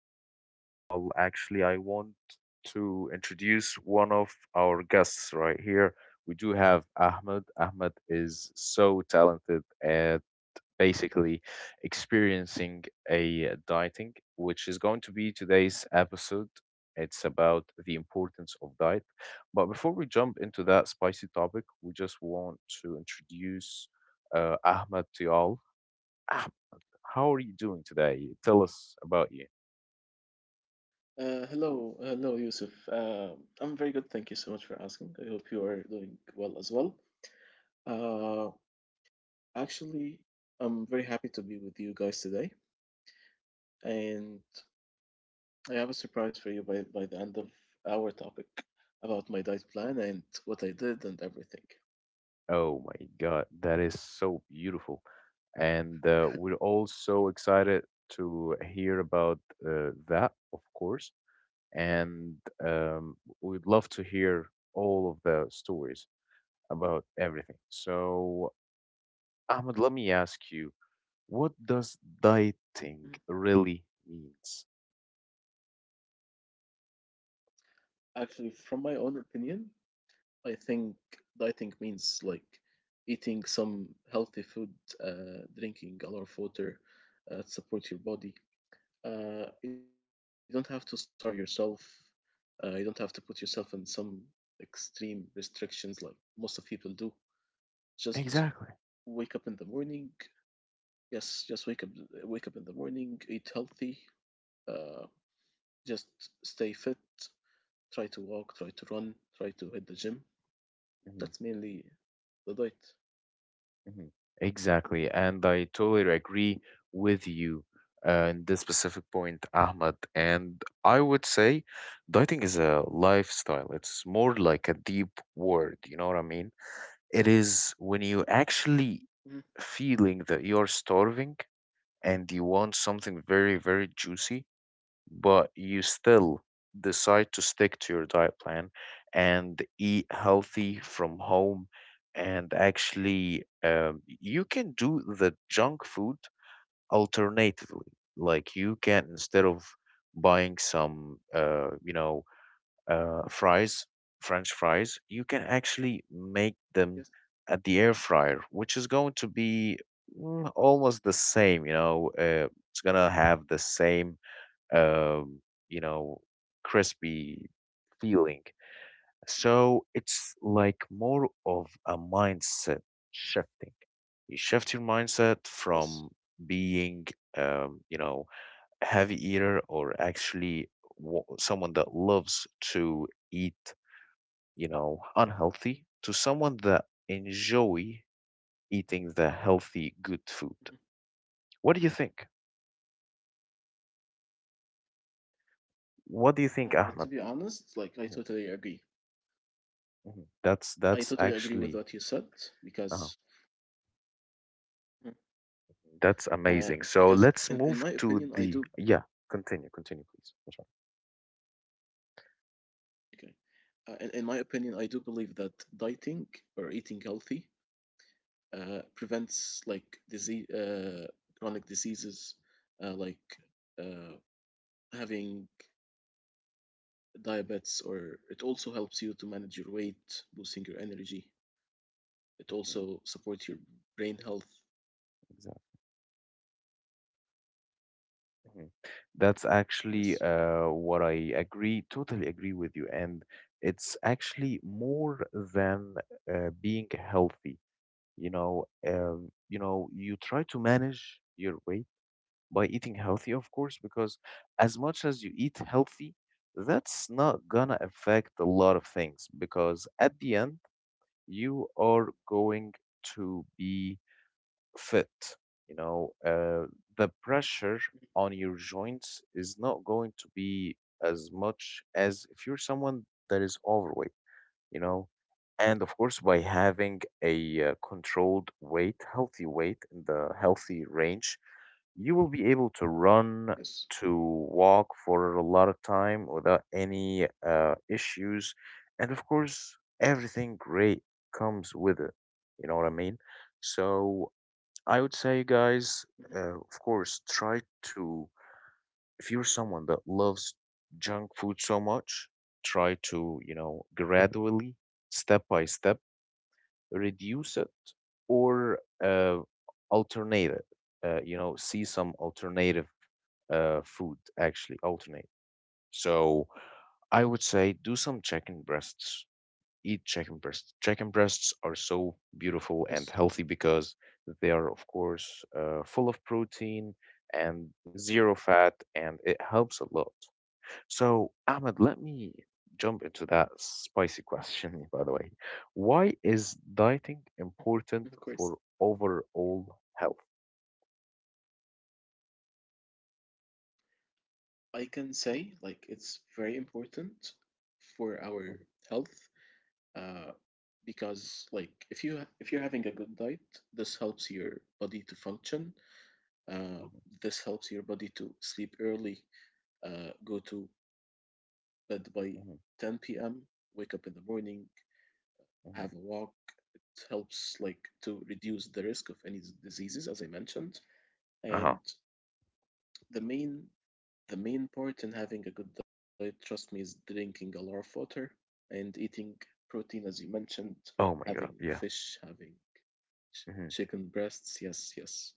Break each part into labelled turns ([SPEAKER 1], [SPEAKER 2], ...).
[SPEAKER 1] How are y'all? Actually, I want to introduce one of our guests right here. We do have Ahmed. Ahmed is so talented at basically experiencing a dieting, which is going to be today's episode. It's about the importance of diet. But before we jump into that spicy topic, we just want to introduce Ahmed to y'all. How are you doing today? Tell us about you.
[SPEAKER 2] Hello, hello, Yusuf. I'm very good. Thank you so much for asking. I hope you are doing well as well. Uh, Actually, I'm very happy to be with you guys today, and I have a surprise for you by the end of our topic about my diet plan and what I did and everything.
[SPEAKER 1] Oh my God, that is so beautiful. And we're all so excited to hear about that, of course. And we'd love to hear all of the stories about everything. So, Ahmed, let me ask you, what does
[SPEAKER 2] Mhm.
[SPEAKER 1] dieting really means?
[SPEAKER 2] Actually, from my own opinion, I think dieting means like eating some healthy food, drinking a lot of water, to support your body. You don't have to starve yourself. You don't have to put yourself in some extreme restrictions like most of people do. Just
[SPEAKER 1] Exactly.
[SPEAKER 2] wake up in the morning. Yes, just wake up. Wake up in the morning. Eat healthy. Uh, just stay fit. Try to walk. Try to run. Try to hit the gym.
[SPEAKER 1] Mhm.
[SPEAKER 2] That's mainly the diet.
[SPEAKER 1] Mhm. Exactly, and I totally agree with you in this specific point, Ahmed. And I would say dieting is a lifestyle. It's more like a deep word, you know what I mean? It is when you
[SPEAKER 2] Hmm.
[SPEAKER 1] actually feeling that you're starving and you want something very, very juicy, but you still decide to stick to your diet plan and eat healthy from home, and actually you can do the junk food alternatively, like you can, instead of buying some fries, french fries, you can actually
[SPEAKER 2] Yes.
[SPEAKER 1] make them at the air fryer, which is going to be almost the same, you know, it's gonna have the same um, you know, crispy feeling.
[SPEAKER 2] Mhm.
[SPEAKER 1] So it's like more of a mindset shifting. You shift your mindset
[SPEAKER 2] Yes.
[SPEAKER 1] from being, you know, a heavy eater, or actually someone that loves to eat, you know, unhealthy, to someone that enjoy eating the healthy, good food.
[SPEAKER 2] Mhm.
[SPEAKER 1] What do you think?
[SPEAKER 2] To
[SPEAKER 1] What
[SPEAKER 2] be
[SPEAKER 1] do you think,
[SPEAKER 2] honest,
[SPEAKER 1] Ahmed?
[SPEAKER 2] like I totally agree.
[SPEAKER 1] Mhm, mhm.
[SPEAKER 2] I totally
[SPEAKER 1] That's
[SPEAKER 2] agree with
[SPEAKER 1] that's
[SPEAKER 2] what you said
[SPEAKER 1] actually.
[SPEAKER 2] because
[SPEAKER 1] Uh-huh. That's
[SPEAKER 2] uh,
[SPEAKER 1] amazing. So
[SPEAKER 2] in
[SPEAKER 1] let's
[SPEAKER 2] my
[SPEAKER 1] move
[SPEAKER 2] opinion
[SPEAKER 1] to
[SPEAKER 2] I do.
[SPEAKER 1] the, yeah, continue, continue, please. I'm sorry.
[SPEAKER 2] Okay. In my opinion I do believe that dieting or eating healthy prevents like disease, chronic diseases, like uh, having diabetes, or it also helps you to manage your weight, boosting your energy. It
[SPEAKER 1] Mhm.
[SPEAKER 2] also supports your brain health.
[SPEAKER 1] Exactly. Mhm. That's actually
[SPEAKER 2] Yes,
[SPEAKER 1] what I agree, totally agree with you. And it's actually more than being healthy. You know, you know, you try to manage your weight by eating healthy, of course, because as much as you eat healthy, that's not gonna affect a lot of things because at the end you are going to be fit, you know, the pressure on your joints is not going to be as much as if you're someone that is overweight, you know. And of course, by having a controlled weight, healthy weight in the healthy range, you will be able to run,
[SPEAKER 2] yes.
[SPEAKER 1] to walk for a lot of time without any issues. And of course, everything great comes with it, you know what I mean. So I would say,
[SPEAKER 2] Mhm.
[SPEAKER 1] guys, of course, try to, if you're someone that loves junk food so much, try to, you know, gradually, step by step, reduce it, or uh, alternate it. You know, see some alternative food, actually, alternate. So I would say do some chicken breasts. Eat chicken breasts. Chicken breasts are so
[SPEAKER 2] Yes.
[SPEAKER 1] beautiful and healthy because they are, of course, full of protein and zero fat, and it helps a lot. So, Ahmed, let me jump into that spicy question, by the way. Why is dieting
[SPEAKER 2] Of course,
[SPEAKER 1] important for overall health?
[SPEAKER 2] I can say like it's very important for our
[SPEAKER 1] Mhm,
[SPEAKER 2] health. Uh, because like if you're having a good diet, this helps your body to function. uh,
[SPEAKER 1] mhm,
[SPEAKER 2] this helps your body to sleep early, go to bed by 10
[SPEAKER 1] mhm,
[SPEAKER 2] p.m., wake up in the morning, have a
[SPEAKER 1] mhm.
[SPEAKER 2] walk. It helps like to reduce the risk of any diseases as I mentioned.
[SPEAKER 1] Uh-huh.
[SPEAKER 2] And the main the main part in having a good diet, trust me, is drinking a lot of water and eating protein as you mentioned,
[SPEAKER 1] Oh my
[SPEAKER 2] having
[SPEAKER 1] God. Yeah.
[SPEAKER 2] fish, having
[SPEAKER 1] Mhm,
[SPEAKER 2] chicken breasts. Yes, yes.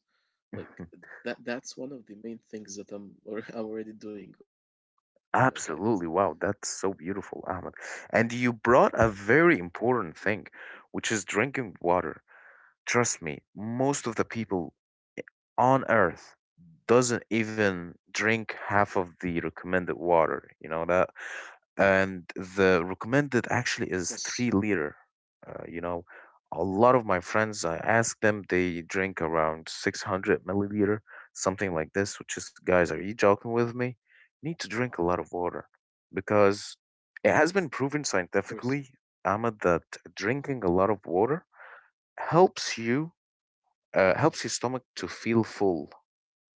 [SPEAKER 2] Like
[SPEAKER 1] mhm.
[SPEAKER 2] that's one of the main things that I'm already doing on my diet.
[SPEAKER 1] Absolutely. Wow. That's so beautiful, Ahmed. And you brought a
[SPEAKER 2] Hmm.
[SPEAKER 1] very important thing, which is drinking water. Trust me, most of the people on earth doesn't even drink half of the recommended water, you know that. And the recommended actually
[SPEAKER 2] Yes,
[SPEAKER 1] is 3 liter. You know, a lot of my friends, I ask them, they drink around 600 milliliter, something like this. Which is, guys, are you joking with me? You need to drink a lot of water, because it has been proven
[SPEAKER 2] of course.
[SPEAKER 1] scientifically, Ahmed, that drinking a lot of water helps you, helps your stomach to feel full,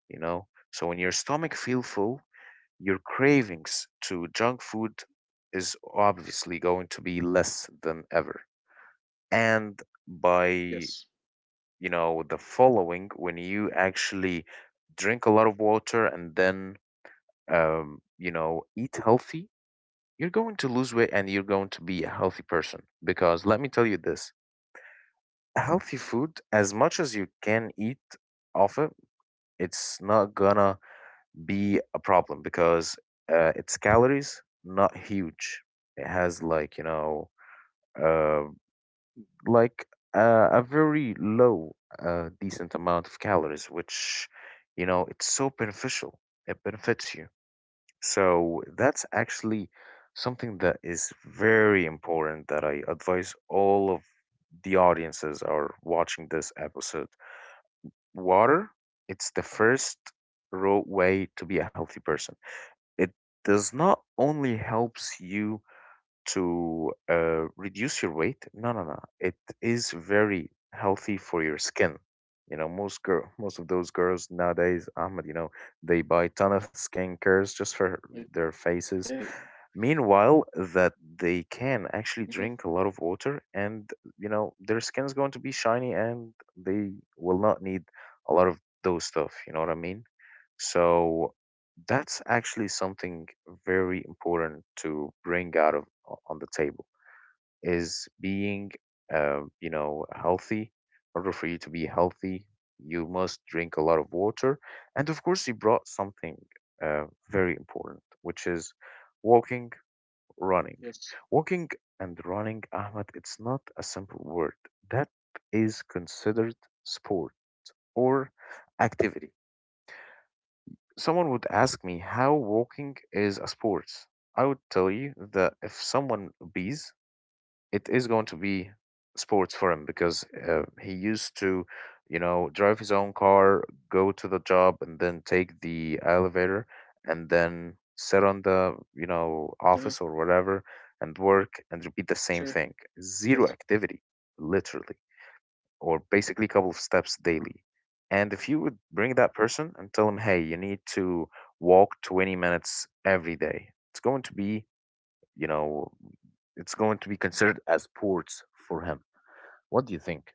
[SPEAKER 1] you know? So when your stomach feel full, your cravings to junk food is obviously going to be less than ever. And by,
[SPEAKER 2] Yes.
[SPEAKER 1] you know, the following, when you actually drink a lot of water and then, you know, eat healthy, you're going to lose weight and you're going to be a healthy person. Because let me tell you this, healthy food, as much as you can eat of it, it's not gonna be a problem, because its calories not huge. It has, like, you know, uh, like a very low decent amount of calories, which, you know, it's so beneficial. It benefits you. So that's actually something that is very important, that I advise all of the audiences are watching this episode. Water, it's the
[SPEAKER 2] Hmm.
[SPEAKER 1] first way to be a healthy person. It does not only helps you to reduce your weight. No, no, no. It is very healthy for your skin. You know, most girl, most of those girls nowadays, Ahmed, you know, they buy ton of skincares just for their
[SPEAKER 2] Okay.
[SPEAKER 1] faces. Meanwhile, that they
[SPEAKER 2] Hmm.
[SPEAKER 1] can actually drink a lot of water, and you know, their skin is going to be shiny, and they will not need a lot of those stuff. You know what I mean? So that's actually something very important to bring out of on the table, is being, you know, healthy. In order for you to be healthy, you must drink a lot of water. And of course, you brought something very important, which is walking, running.
[SPEAKER 2] Yes.
[SPEAKER 1] Walking and running, Ahmed, it's not a simple word. That is considered sport or activity. Someone would ask me, how walking is a sport? I would tell you that if someone bees, it is going to be sports for him, because he used to, you know, drive his own car, go to the job, and then take the elevator, and then sit on the, you
[SPEAKER 2] uh,
[SPEAKER 1] know, office or whatever, and work and
[SPEAKER 2] sure.
[SPEAKER 1] repeat the same thing.
[SPEAKER 2] Yes.
[SPEAKER 1] Zero activity, literally, or basically a couple of steps daily. And if you would bring that person and tell them, hey, you need to walk 20 minutes every day, it's going to be, you know, it's going to be considered as sports for him. What do you think?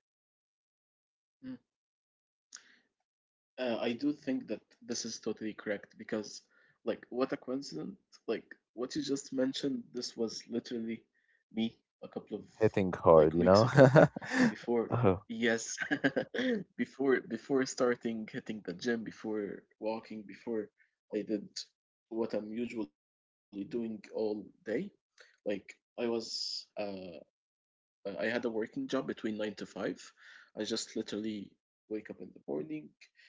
[SPEAKER 2] I do think that this is totally correct because, like, what a coincidence! Like, what you just mentioned, this was literally me a couple of
[SPEAKER 1] Hitting hard,
[SPEAKER 2] like
[SPEAKER 1] you
[SPEAKER 2] weeks
[SPEAKER 1] know?
[SPEAKER 2] ago, before.
[SPEAKER 1] Oh,
[SPEAKER 2] Yes, before starting hitting the gym, before walking, before I did what I'm usually doing all day. Like, I was uh I had a working job between 9 to 5. I just literally wake up in the morning,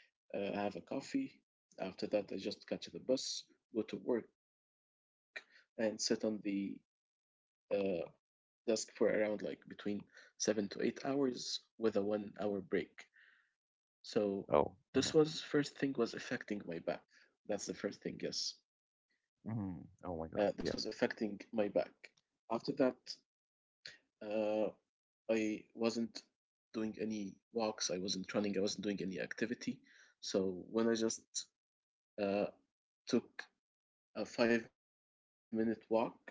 [SPEAKER 2] have a coffee. After that, I just catch the bus, go to work, and sit on the uh, desk for around like between 7 to 8 hours with a 1 hour break. So this
[SPEAKER 1] oh,
[SPEAKER 2] was first
[SPEAKER 1] mhm,
[SPEAKER 2] thing was affecting my back. That's the first thing, yes. This was
[SPEAKER 1] mhm, oh my
[SPEAKER 2] affecting
[SPEAKER 1] God.
[SPEAKER 2] my
[SPEAKER 1] Yeah.
[SPEAKER 2] back. After that, Uh, I wasn't doing any walks, I wasn't running, I wasn't doing any activity. So when I just uh, took a 5 minute walk, I was exhausted.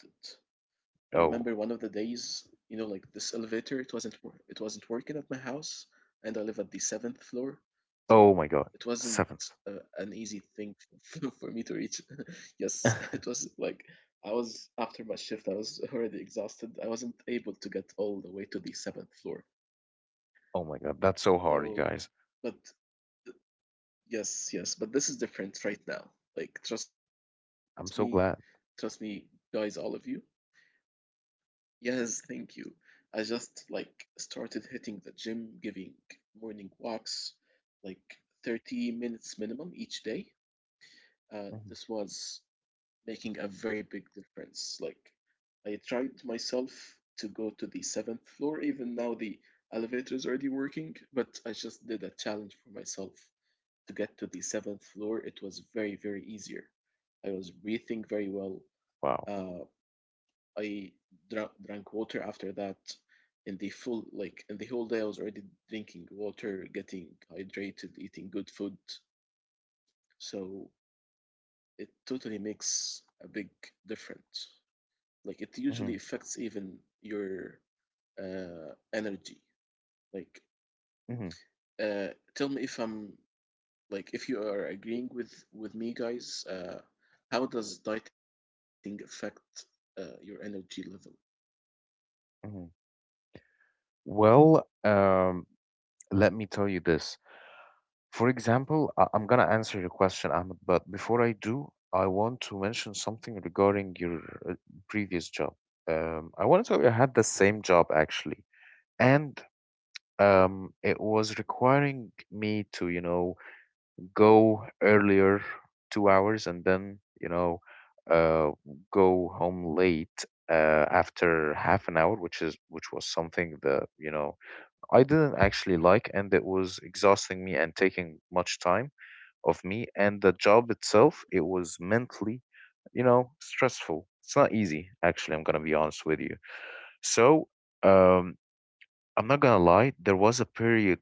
[SPEAKER 2] I remember one of the days,
[SPEAKER 1] Oh,
[SPEAKER 2] like this elevator, it wasn't working at my house, and I live at the seventh floor, so it
[SPEAKER 1] oh my
[SPEAKER 2] wasn't
[SPEAKER 1] God. Seventh.
[SPEAKER 2] an easy thing for me to reach. Yes, it
[SPEAKER 1] Oh
[SPEAKER 2] was like I was after my shift, I was already exhausted. I wasn't able to get all the way to the seventh floor.
[SPEAKER 1] my God. That's so hard, you
[SPEAKER 2] So,
[SPEAKER 1] guys.
[SPEAKER 2] but yes, yes, but this is different right now. Like,
[SPEAKER 1] I'm
[SPEAKER 2] trust
[SPEAKER 1] so
[SPEAKER 2] me,
[SPEAKER 1] glad.
[SPEAKER 2] guys, all of you. Yes, thank you. I just like started hitting the gym, giving morning walks, like 30 minutes minimum each day. This
[SPEAKER 1] Mhm.
[SPEAKER 2] was making a very big difference. Like, I tried myself to go to the seventh floor. Even now the elevator is already working, but I just did a challenge for myself to get to the seventh floor. It was very, very easier. I was breathing very well.
[SPEAKER 1] Wow.
[SPEAKER 2] Uh, I drank water after that. In the whole day I was already drinking water, getting hydrated, eating good food. So it totally makes a big difference. Like it
[SPEAKER 1] Hmm.
[SPEAKER 2] usually affects even your energy. Like
[SPEAKER 1] Hmm.
[SPEAKER 2] uh, Tell me, if I'm like, if you are agreeing with me, guys. How does dieting affect your energy level?
[SPEAKER 1] Hmm. Well, let me tell you this. For example, I'm gonna answer your question, Ahmed, but before I do, I want to mention something regarding your uh, previous job. I want to tell you, I had the same job actually, and it was requiring me to, you know, go earlier
[SPEAKER 2] Mm,
[SPEAKER 1] 2 hours, and then, you know, uh, go home late after half an hour, which is, which was something that, you know, I didn't actually like, and it was exhausting me and taking much time of me. And the job itself, it was mentally, you know, stressful. It's not easy, actually, I'm gonna be honest with you. So, um, I'm not gonna lie, there was a period,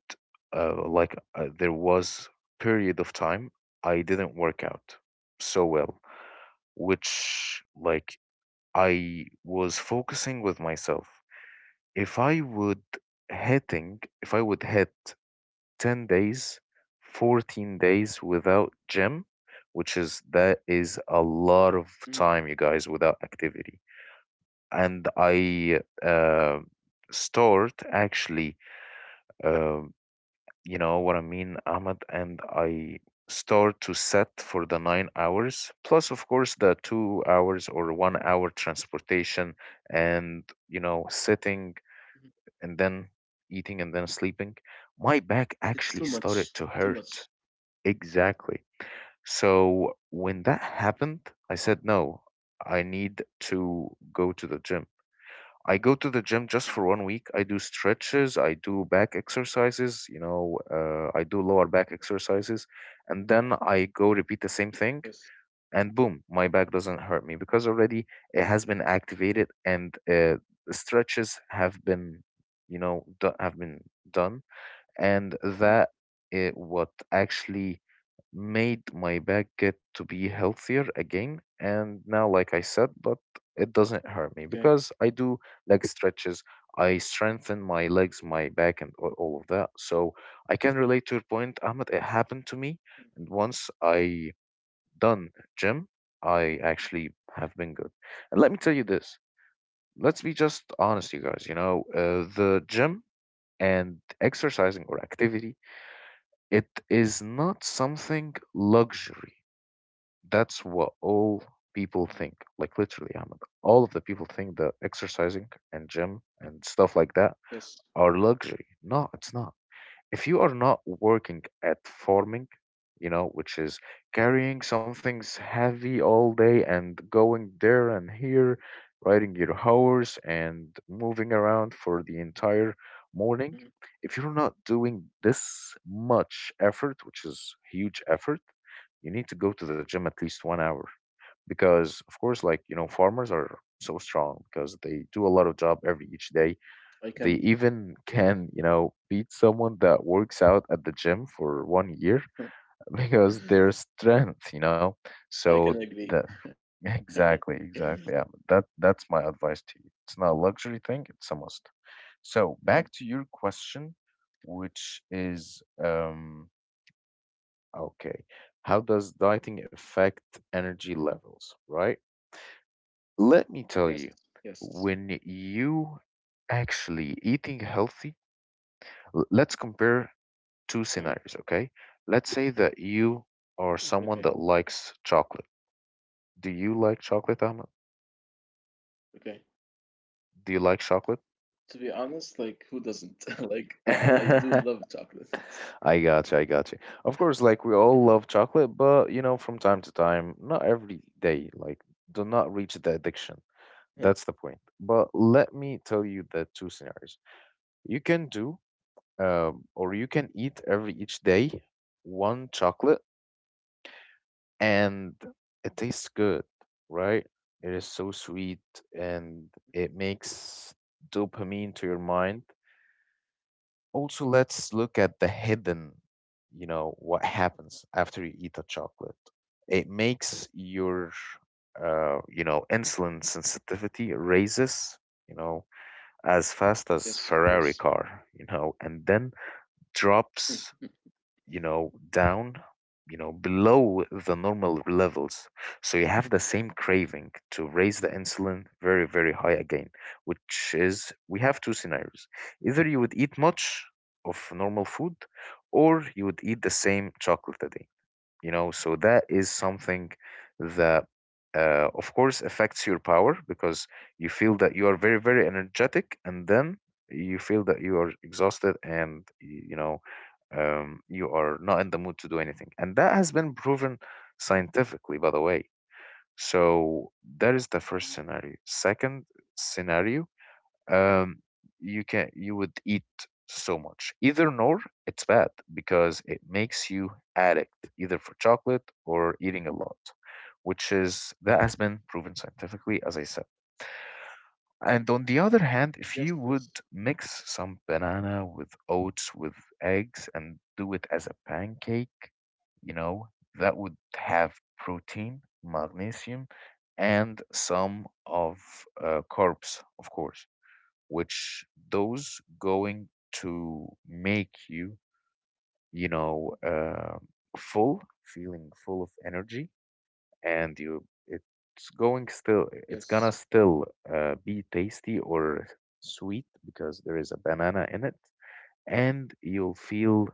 [SPEAKER 1] there was period of time I didn't work out so well, which, like, I was focusing with myself. If I would if I would hit 10 days, 14 days without gym, which is, that is a
[SPEAKER 2] mm,
[SPEAKER 1] lot of time, you guys, without activity. And I start actually, uh, you know what I mean, Ahmed, and I start to set for the 9 hours, plus, of course, the 2 hours or 1 hour transportation, and, you know, sitting
[SPEAKER 2] mhm.
[SPEAKER 1] and then eating and then sleeping. My back
[SPEAKER 2] It's too
[SPEAKER 1] actually
[SPEAKER 2] much.
[SPEAKER 1] started to
[SPEAKER 2] Too
[SPEAKER 1] hurt.
[SPEAKER 2] much.
[SPEAKER 1] Exactly. So when that happened, I said, no, I need to go to the gym. I go to the gym just for 1 week. I do stretches, I do back exercises, you know, I do lower back exercises, and then I go repeat the same thing,
[SPEAKER 2] Yes.
[SPEAKER 1] and boom, my back doesn't hurt me because already it has been activated, and the stretches have been, you know, have been done,
[SPEAKER 2] Mm.
[SPEAKER 1] and that, it what actually made my back get to be healthier again. And now, like I said, but it doesn't
[SPEAKER 2] Okay.
[SPEAKER 1] hurt me because I do leg stretches, I strengthen my legs, my back, and all of that. So I can relate to your point, Ahmed. It happened to
[SPEAKER 2] Mm.
[SPEAKER 1] me, and once I done gym, I actually have been good. And let me tell you this, let's be just honest, you guys, you know, the gym and exercising or activity, it is not something luxury. That's what all people think. Like literally, Ahmed, all of the people think that exercising and gym and stuff
[SPEAKER 2] Yes.
[SPEAKER 1] like that are luxury. No, it's not if you are not working at farming, which is carrying something's heavy all day and going there and here, riding your horse and moving around for the entire
[SPEAKER 2] Mm.
[SPEAKER 1] morning, if you're not doing this much effort, which is huge effort, you need to go to the gym at least one hour because of course farmers are so strong because they do a lot of job every each day
[SPEAKER 2] I
[SPEAKER 1] they
[SPEAKER 2] can.
[SPEAKER 1] even can, beat someone that works out at the gym for one year because their strength, So
[SPEAKER 2] I can
[SPEAKER 1] the
[SPEAKER 2] agree.
[SPEAKER 1] exactly, exactly. Yeah, that's my advice to you. It's not a luxury thing, it's a must. So
[SPEAKER 2] Mhm.
[SPEAKER 1] back to your question, which is okay. How does dieting affect energy levels, right? Let me tell you,
[SPEAKER 2] Yes. Yes.
[SPEAKER 1] when you actually eating healthy let's compare two
[SPEAKER 2] Uh-huh.
[SPEAKER 1] scenarios, okay? Let's say that you are someone that
[SPEAKER 2] Okay.
[SPEAKER 1] likes chocolate. Do you like chocolate, Ahmed?
[SPEAKER 2] Okay.
[SPEAKER 1] Do you like
[SPEAKER 2] To
[SPEAKER 1] chocolate?
[SPEAKER 2] be honest, like who doesn't? Like I do love
[SPEAKER 1] I
[SPEAKER 2] chocolate.
[SPEAKER 1] I got you. Of course, like we all love chocolate, but you know, from time to time, not every day. Like, do not reach the addiction.
[SPEAKER 2] Uh,
[SPEAKER 1] That's the point. But let me tell you the two scenarios. You can do, or you can eat every each day one chocolate and it tastes good, right? It is so sweet and it makes dopamine to your mind. Also, let's look at the hidden, what happens after you eat a chocolate. It makes your, insulin sensitivity raises, you know, as fast as Ferrari
[SPEAKER 2] Yes, of
[SPEAKER 1] car,
[SPEAKER 2] course.
[SPEAKER 1] and then drops
[SPEAKER 2] Mm,
[SPEAKER 1] down, below the normal levels. So you have the same craving to raise the insulin very, very high again, which is we have two scenarios. Either you would eat much of normal food or you would eat the same chocolate a day so that is something that of course affects your power because you feel that you are very very energetic and then you feel that you are exhausted and you are not in the mood to do anything and that has been proven scientifically by the way so that is the first scenario
[SPEAKER 2] mhm.
[SPEAKER 1] second scenario um, you would eat so much. Either nor, it's bad because it makes you addict either for chocolate or eating a lot, which is that has been proven scientifically, as I said. And on the other hand, if you
[SPEAKER 2] Yes.
[SPEAKER 1] would
[SPEAKER 2] Yes.
[SPEAKER 1] mix some banana with oats with eggs and do it as a pancake, you know, that would have protein, magnesium, and some of carbs, of course which those going to make you, you know, uh, full, feeling full of energy, and you it's going still,
[SPEAKER 2] Yes.
[SPEAKER 1] it's gonna still be tasty or sweet because there is a banana in it, and you'll feel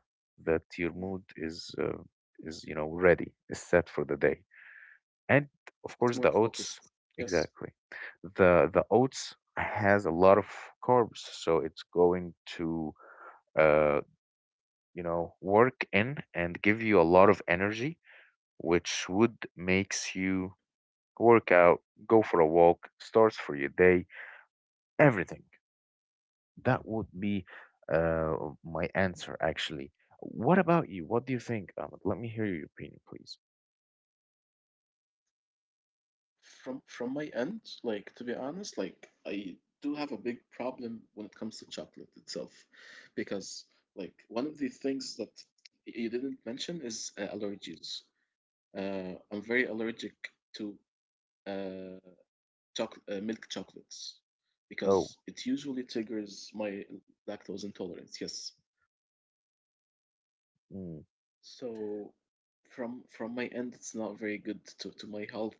[SPEAKER 1] that your
[SPEAKER 2] Mm.
[SPEAKER 1] mood is ready, is set for the day and of course
[SPEAKER 2] It's
[SPEAKER 1] the
[SPEAKER 2] more
[SPEAKER 1] oats
[SPEAKER 2] focused. Yes.
[SPEAKER 1] exactly the oats has a lot of carbs so it's going to uh work in and give you a lot of energy which would makes you work out go for a walk starts for your day everything that would be uh my answer actually. What about you, what do you think, Ahmed? Let me hear your opinion please.
[SPEAKER 2] From my end, like to be honest, like I do have a big problem when it comes to chocolate itself, because like one of the things that you didn't mention is allergies. I'm very allergic to uh, milk chocolates
[SPEAKER 1] Oh.
[SPEAKER 2] because it usually triggers my lactose intolerance. Yes,
[SPEAKER 1] Mm,
[SPEAKER 2] so from my end, it's not very good to my health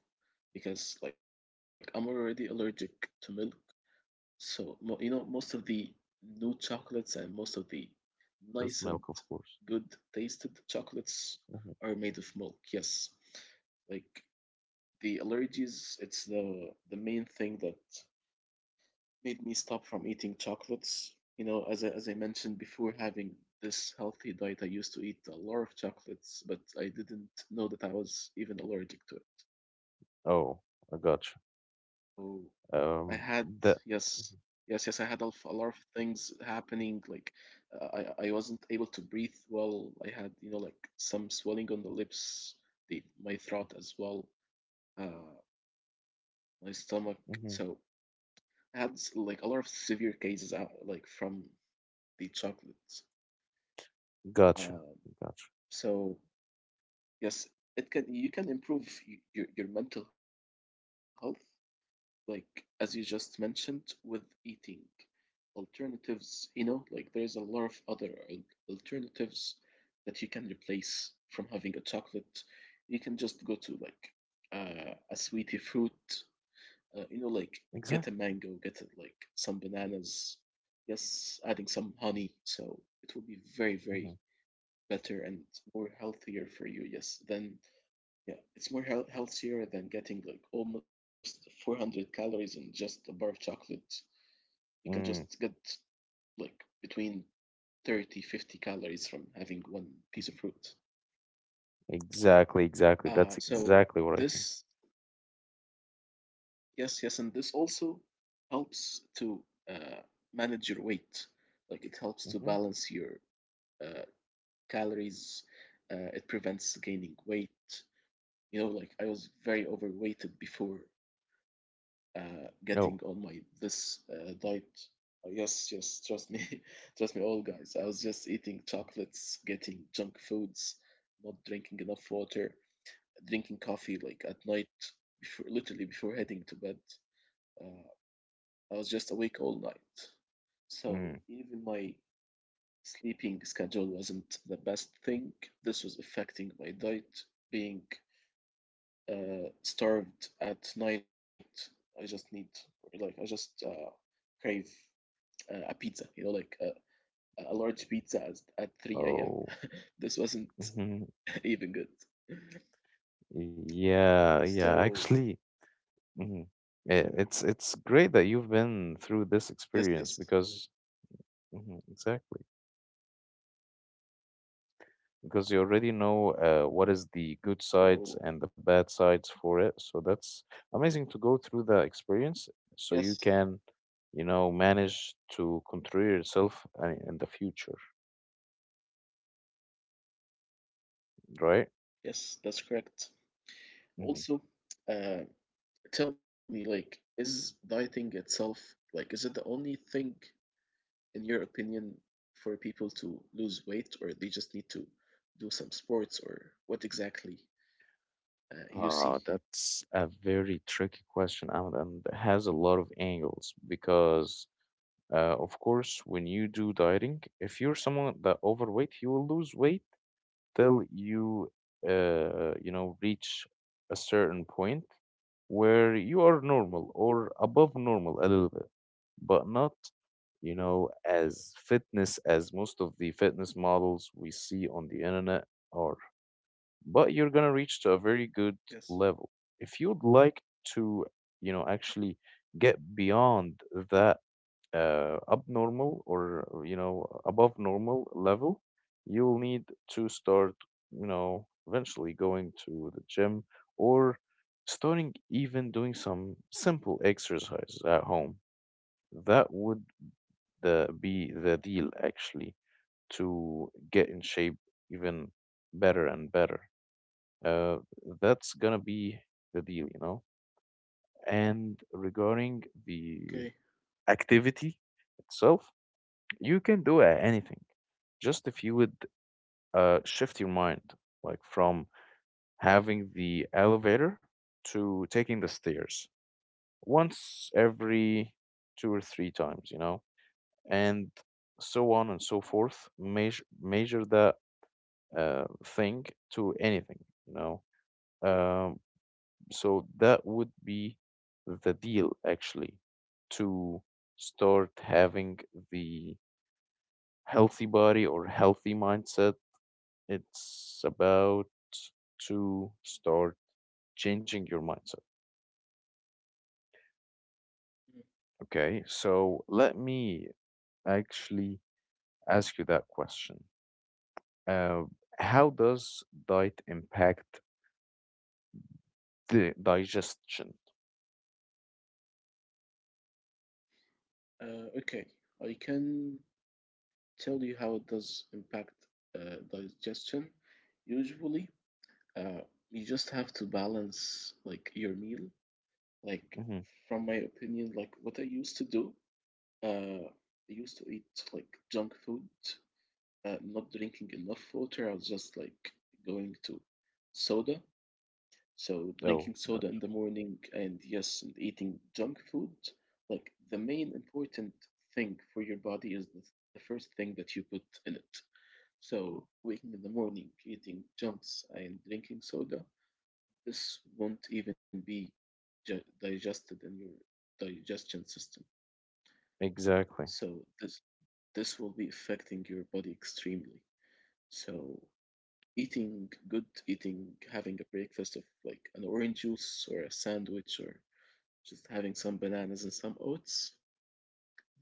[SPEAKER 2] because like I'm already allergic to milk. So most of the new chocolates and most of the nice and
[SPEAKER 1] this milk of course.
[SPEAKER 2] good tasted chocolates
[SPEAKER 1] Mm-hmm.
[SPEAKER 2] are made of milk. Yes, like the allergies, it's the main thing that made me stop from eating chocolates. You know, as I mentioned before, having this healthy diet, I used to eat a lot of chocolates, but I didn't know that I was even allergic to it.
[SPEAKER 1] Oh, I gotcha.
[SPEAKER 2] So I had
[SPEAKER 1] Um,
[SPEAKER 2] yes,
[SPEAKER 1] that.
[SPEAKER 2] yes, yes. I
[SPEAKER 1] Mhm.
[SPEAKER 2] had a lot of things happening. Like I wasn't able to breathe well. I had, like some swelling on the lips, the my throat as well, uh, my stomach.
[SPEAKER 1] Mhm.
[SPEAKER 2] So I had like a lot of severe cases out like from the chocolates.
[SPEAKER 1] Gotcha.
[SPEAKER 2] Um,
[SPEAKER 1] Gotcha.
[SPEAKER 2] so yes, it can you can improve your mental health, like as you just mentioned, with eating alternatives. You know, like there's a lot of other alternatives that you can replace from having a chocolate. You can just go to like a sweetie fruit, you know, like
[SPEAKER 1] Exactly.
[SPEAKER 2] get a mango, get it like some bananas, yes, adding some honey, so it will be very very better and more healthier for you, yes, than yeah, it's more healthier than getting like almost 400 calories in just a bar of chocolate. You can just
[SPEAKER 1] Hmm.
[SPEAKER 2] get like between 30, 50 calories from having one piece of fruit.
[SPEAKER 1] Exactly, exactly. That's
[SPEAKER 2] So
[SPEAKER 1] exactly what I think.
[SPEAKER 2] this, yes, yes, and this also helps to uh, manage your weight. Like it helps to
[SPEAKER 1] Hmm.
[SPEAKER 2] balance your uh, calories. It prevents gaining weight. You know, like I was very overweighted before,
[SPEAKER 1] Oh,
[SPEAKER 2] getting on my this diet. Yes, yes, trust me, trust me, all guys. I was just eating chocolates, getting junk foods, not drinking enough water, drinking coffee like at night, before, literally before heading to bed. Uh, I was just awake all night, so
[SPEAKER 1] mm.
[SPEAKER 2] even my sleeping schedule wasn't the best thing. This was affecting my diet, being starved at night. I just need I just crave a pizza, you know, like a large pizza at 3 a.m.
[SPEAKER 1] Oh.
[SPEAKER 2] This wasn't
[SPEAKER 1] Hmm.
[SPEAKER 2] even good.
[SPEAKER 1] Yeah, yeah.
[SPEAKER 2] So
[SPEAKER 1] Actually, hmm, it's great that you've
[SPEAKER 2] yes,
[SPEAKER 1] been
[SPEAKER 2] yes.
[SPEAKER 1] through this experience because, mhm, exactly, because you already know what is the
[SPEAKER 2] So
[SPEAKER 1] good sides and the bad sides for it. So that's amazing to go through the
[SPEAKER 2] yes,
[SPEAKER 1] experience so you can, manage to control yourself in the future,
[SPEAKER 2] yes,
[SPEAKER 1] right?
[SPEAKER 2] that's correct. Also,
[SPEAKER 1] Mm-hmm.
[SPEAKER 2] uh, tell me, like, is dieting itself like is it the only thing, in your opinion, for people to lose weight, or they just need to do some sports, or what exactly you see?
[SPEAKER 1] Ah, that's a very tricky question, Ahmed, and has a lot of angles because, of course, when you do dieting, if you're someone that overweight, you will lose weight till you, reach a certain point where you are normal or above normal a little bit, but not, as fitness as most of the fitness models we see on the internet are, but you're gonna reach to a very good
[SPEAKER 2] Yes.
[SPEAKER 1] level. If you'd like to, actually get beyond that abnormal or, above normal level, you'll need to start, eventually going to the gym or starting even doing some simple exercises at home. That would be the deal actually to get in shape even better and better, uh, that's gonna be the deal, And regarding
[SPEAKER 2] Okay.
[SPEAKER 1] the activity itself, you can do anything. Just if you would shift your mind, like from having the elevator to taking the stairs once every two or three times, and so on and so forth. Measure that thing to anything, Um, So that would be the deal, actually, to start having the healthy body or healthy mindset. It's about to start changing your mindset. Okay, so let me actually ask you that question. Uh, how does diet impact the digestion?
[SPEAKER 2] Mm. Okay. I can tell you how it does impact digestion. Usually, uh, you just have to balance like your meal. Like,
[SPEAKER 1] Mm-hmm.
[SPEAKER 2] from my opinion, like what I used to do, I used to eat like junk food, not drinking enough water. I was just like going to soda. So
[SPEAKER 1] Oh,
[SPEAKER 2] drinking
[SPEAKER 1] gotcha.
[SPEAKER 2] soda in the morning and, yes, and eating junk food. Like the main important thing for your body is the first thing that you put in it. So waking in the morning, eating junks and drinking soda, this won't even be digested in your digestion system.
[SPEAKER 1] Exactly.
[SPEAKER 2] So this will be affecting your body extremely. So eating, having a breakfast of like an orange juice or a sandwich or just having some bananas and some oats,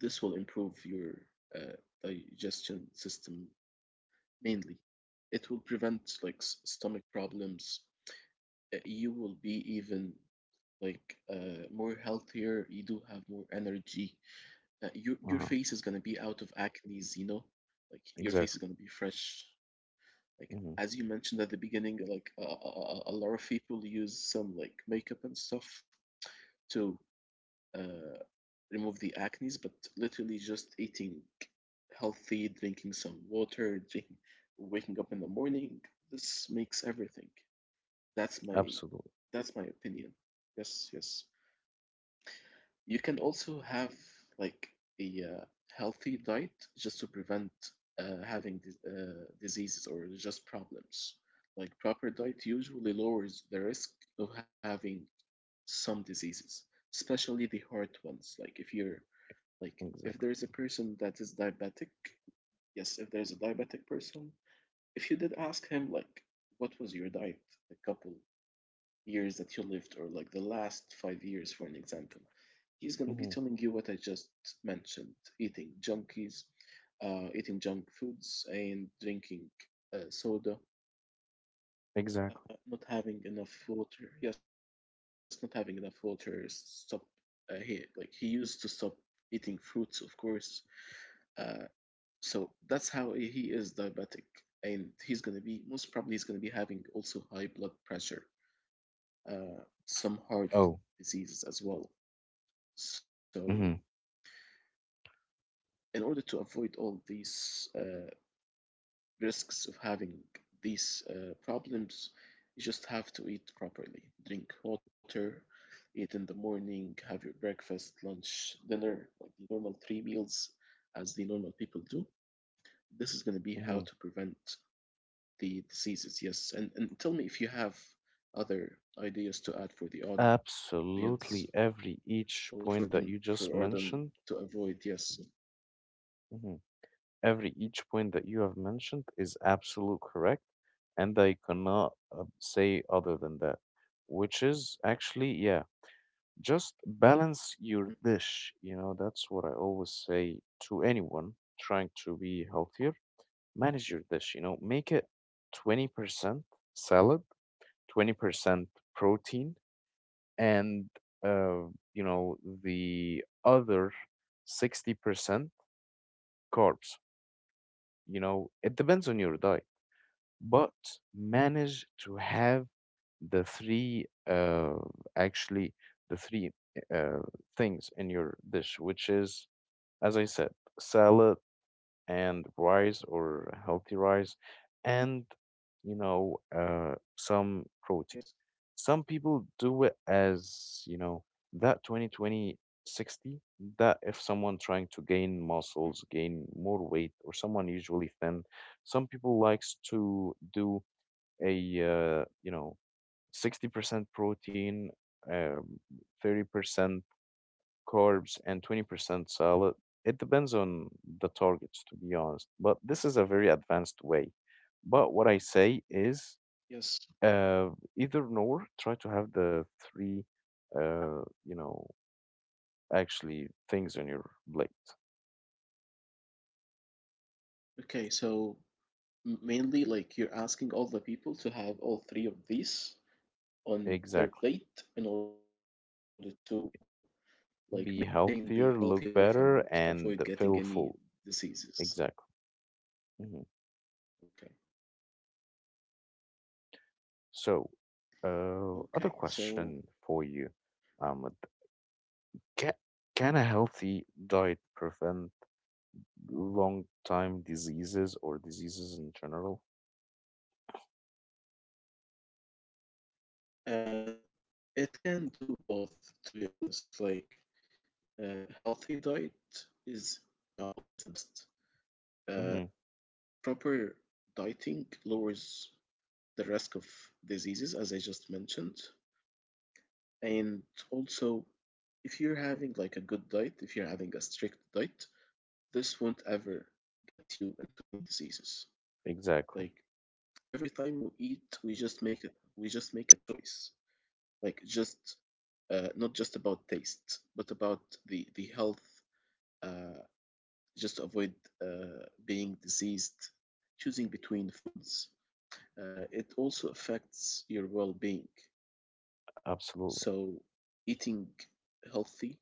[SPEAKER 2] this will improve your uh, digestion system mainly. It will prevent like stomach problems. You will be even like more healthier. You do have more energy. Your
[SPEAKER 1] Uh-huh.
[SPEAKER 2] face is gonna be out of acne's, you know, like your face
[SPEAKER 1] Exactly.
[SPEAKER 2] is gonna be fresh. Like
[SPEAKER 1] Mm-hmm.
[SPEAKER 2] as you mentioned at the beginning, like a lot of people use some like makeup and stuff to uh, remove the acne's, but literally just eating healthy, drinking some water, waking up in the morning, this makes everything. That's my
[SPEAKER 1] Absolutely.
[SPEAKER 2] that's my opinion. Yes, yes. You can also have like a healthy diet just to prevent having diseases or just problems. Like proper diet usually lowers the risk of having some diseases, especially the heart ones. Like if there
[SPEAKER 1] Exactly.
[SPEAKER 2] is a person that is diabetic, yes, if there's a diabetic person, if you did ask him like what was your diet a couple years that you lived or like the last 5 years for an example, he's going to be
[SPEAKER 1] Hmm.
[SPEAKER 2] telling you what I just mentioned: eating junkies eating junk foods and drinking soda,
[SPEAKER 1] Exactly.
[SPEAKER 2] not having enough water, yes, not having enough water. Stop He he used to stop eating fruits, of course. uh, so that's how he is diabetic, and he's going to be most probably he's going to be having also high blood pressure, uh, some heart
[SPEAKER 1] Oh.
[SPEAKER 2] diseases as well. So,
[SPEAKER 1] Hmm.
[SPEAKER 2] in order to avoid all these risks of having these problems, you just have to eat properly. Drink water, eat in the morning, have your breakfast, lunch, dinner, like the normal three meals, as the normal people do. This is going to be how
[SPEAKER 1] Hmm.
[SPEAKER 2] to prevent the diseases. Yes. And tell me if you have other ideas to add for the audience in order
[SPEAKER 1] Absolutely.
[SPEAKER 2] for them
[SPEAKER 1] Every
[SPEAKER 2] for
[SPEAKER 1] each
[SPEAKER 2] them
[SPEAKER 1] point
[SPEAKER 2] to
[SPEAKER 1] that you
[SPEAKER 2] avoid.
[SPEAKER 1] just
[SPEAKER 2] Yes.
[SPEAKER 1] mentioned, hmm, every each point that you have mentioned is absolute correct, and I cannot say other than that. Which is actually, yeah,
[SPEAKER 2] Mm,
[SPEAKER 1] just balance your dish. You know, that's what I always say to anyone trying to be healthier. Manage your dish, you know, make it 20% salad, 20% protein, and, uh, you know, the other 60% carbs. You know, it depends on your diet, but manage to have the three, actually, the three uh, things in your dish, which is, as I said, salad and rice or healthy rice, and you
[SPEAKER 2] yes.
[SPEAKER 1] know, some protein. Some people do it as you know, that 20-20-60. That if someone trying to
[SPEAKER 2] Mm,
[SPEAKER 1] gain muscles, gain more weight, or someone usually thin, some people likes to do a uh, you know 60% protein, um, 30% carbs and 20% salad. It depends on the targets, to be honest. But this is a very advanced way. But what I say is,
[SPEAKER 2] yes.
[SPEAKER 1] uh, either nor, try to have the three, uh, you know, actually things on your plate.
[SPEAKER 2] Okay, so mainly like you're asking all the people to have all three of these on their
[SPEAKER 1] Exactly.
[SPEAKER 2] plate in order to like maintain the healthy
[SPEAKER 1] Be
[SPEAKER 2] life and
[SPEAKER 1] healthier, look
[SPEAKER 2] avoid getting
[SPEAKER 1] better,
[SPEAKER 2] any
[SPEAKER 1] and feel
[SPEAKER 2] diseases.
[SPEAKER 1] full. Exactly. Hmm.
[SPEAKER 2] Okay.
[SPEAKER 1] So,
[SPEAKER 2] Okay, so
[SPEAKER 1] other question for you, Ahmed. Can, can a healthy diet prevent long time diseases or diseases in general?
[SPEAKER 2] uh it can do both, to be honest. Like healthy diet is always the best. Uh
[SPEAKER 1] Hmm.
[SPEAKER 2] Proper dieting lowers the risk of diseases, as I just mentioned. And also, if you're having like a good diet, if you're having a strict diet, this won't ever get you into any diseases.
[SPEAKER 1] Exactly.
[SPEAKER 2] Like every time we eat, we just make a choice. Like just not just about taste, but about the health. Uh, just to avoid being diseased. Choosing between foods, it also affects your well-being.
[SPEAKER 1] Absolutely.
[SPEAKER 2] So eating healthy,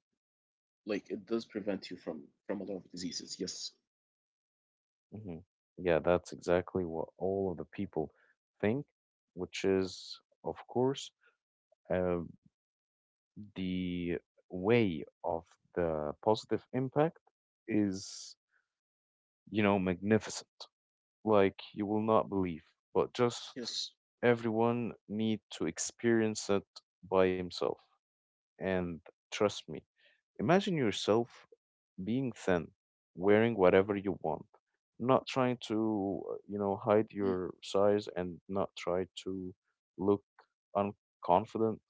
[SPEAKER 2] like it does prevent you from a lot of diseases. Yes,
[SPEAKER 1] Hmm. Yeah, that's exactly what all of the people think, which is, of course, uh, the way of the positive impact is, magnificent. Like you will not believe, but just
[SPEAKER 2] yes.
[SPEAKER 1] everyone need to experience it by himself. And trust me, imagine yourself being thin, wearing whatever you want, not trying to, hide your
[SPEAKER 2] Mm.
[SPEAKER 1] size and not try to look unconfident,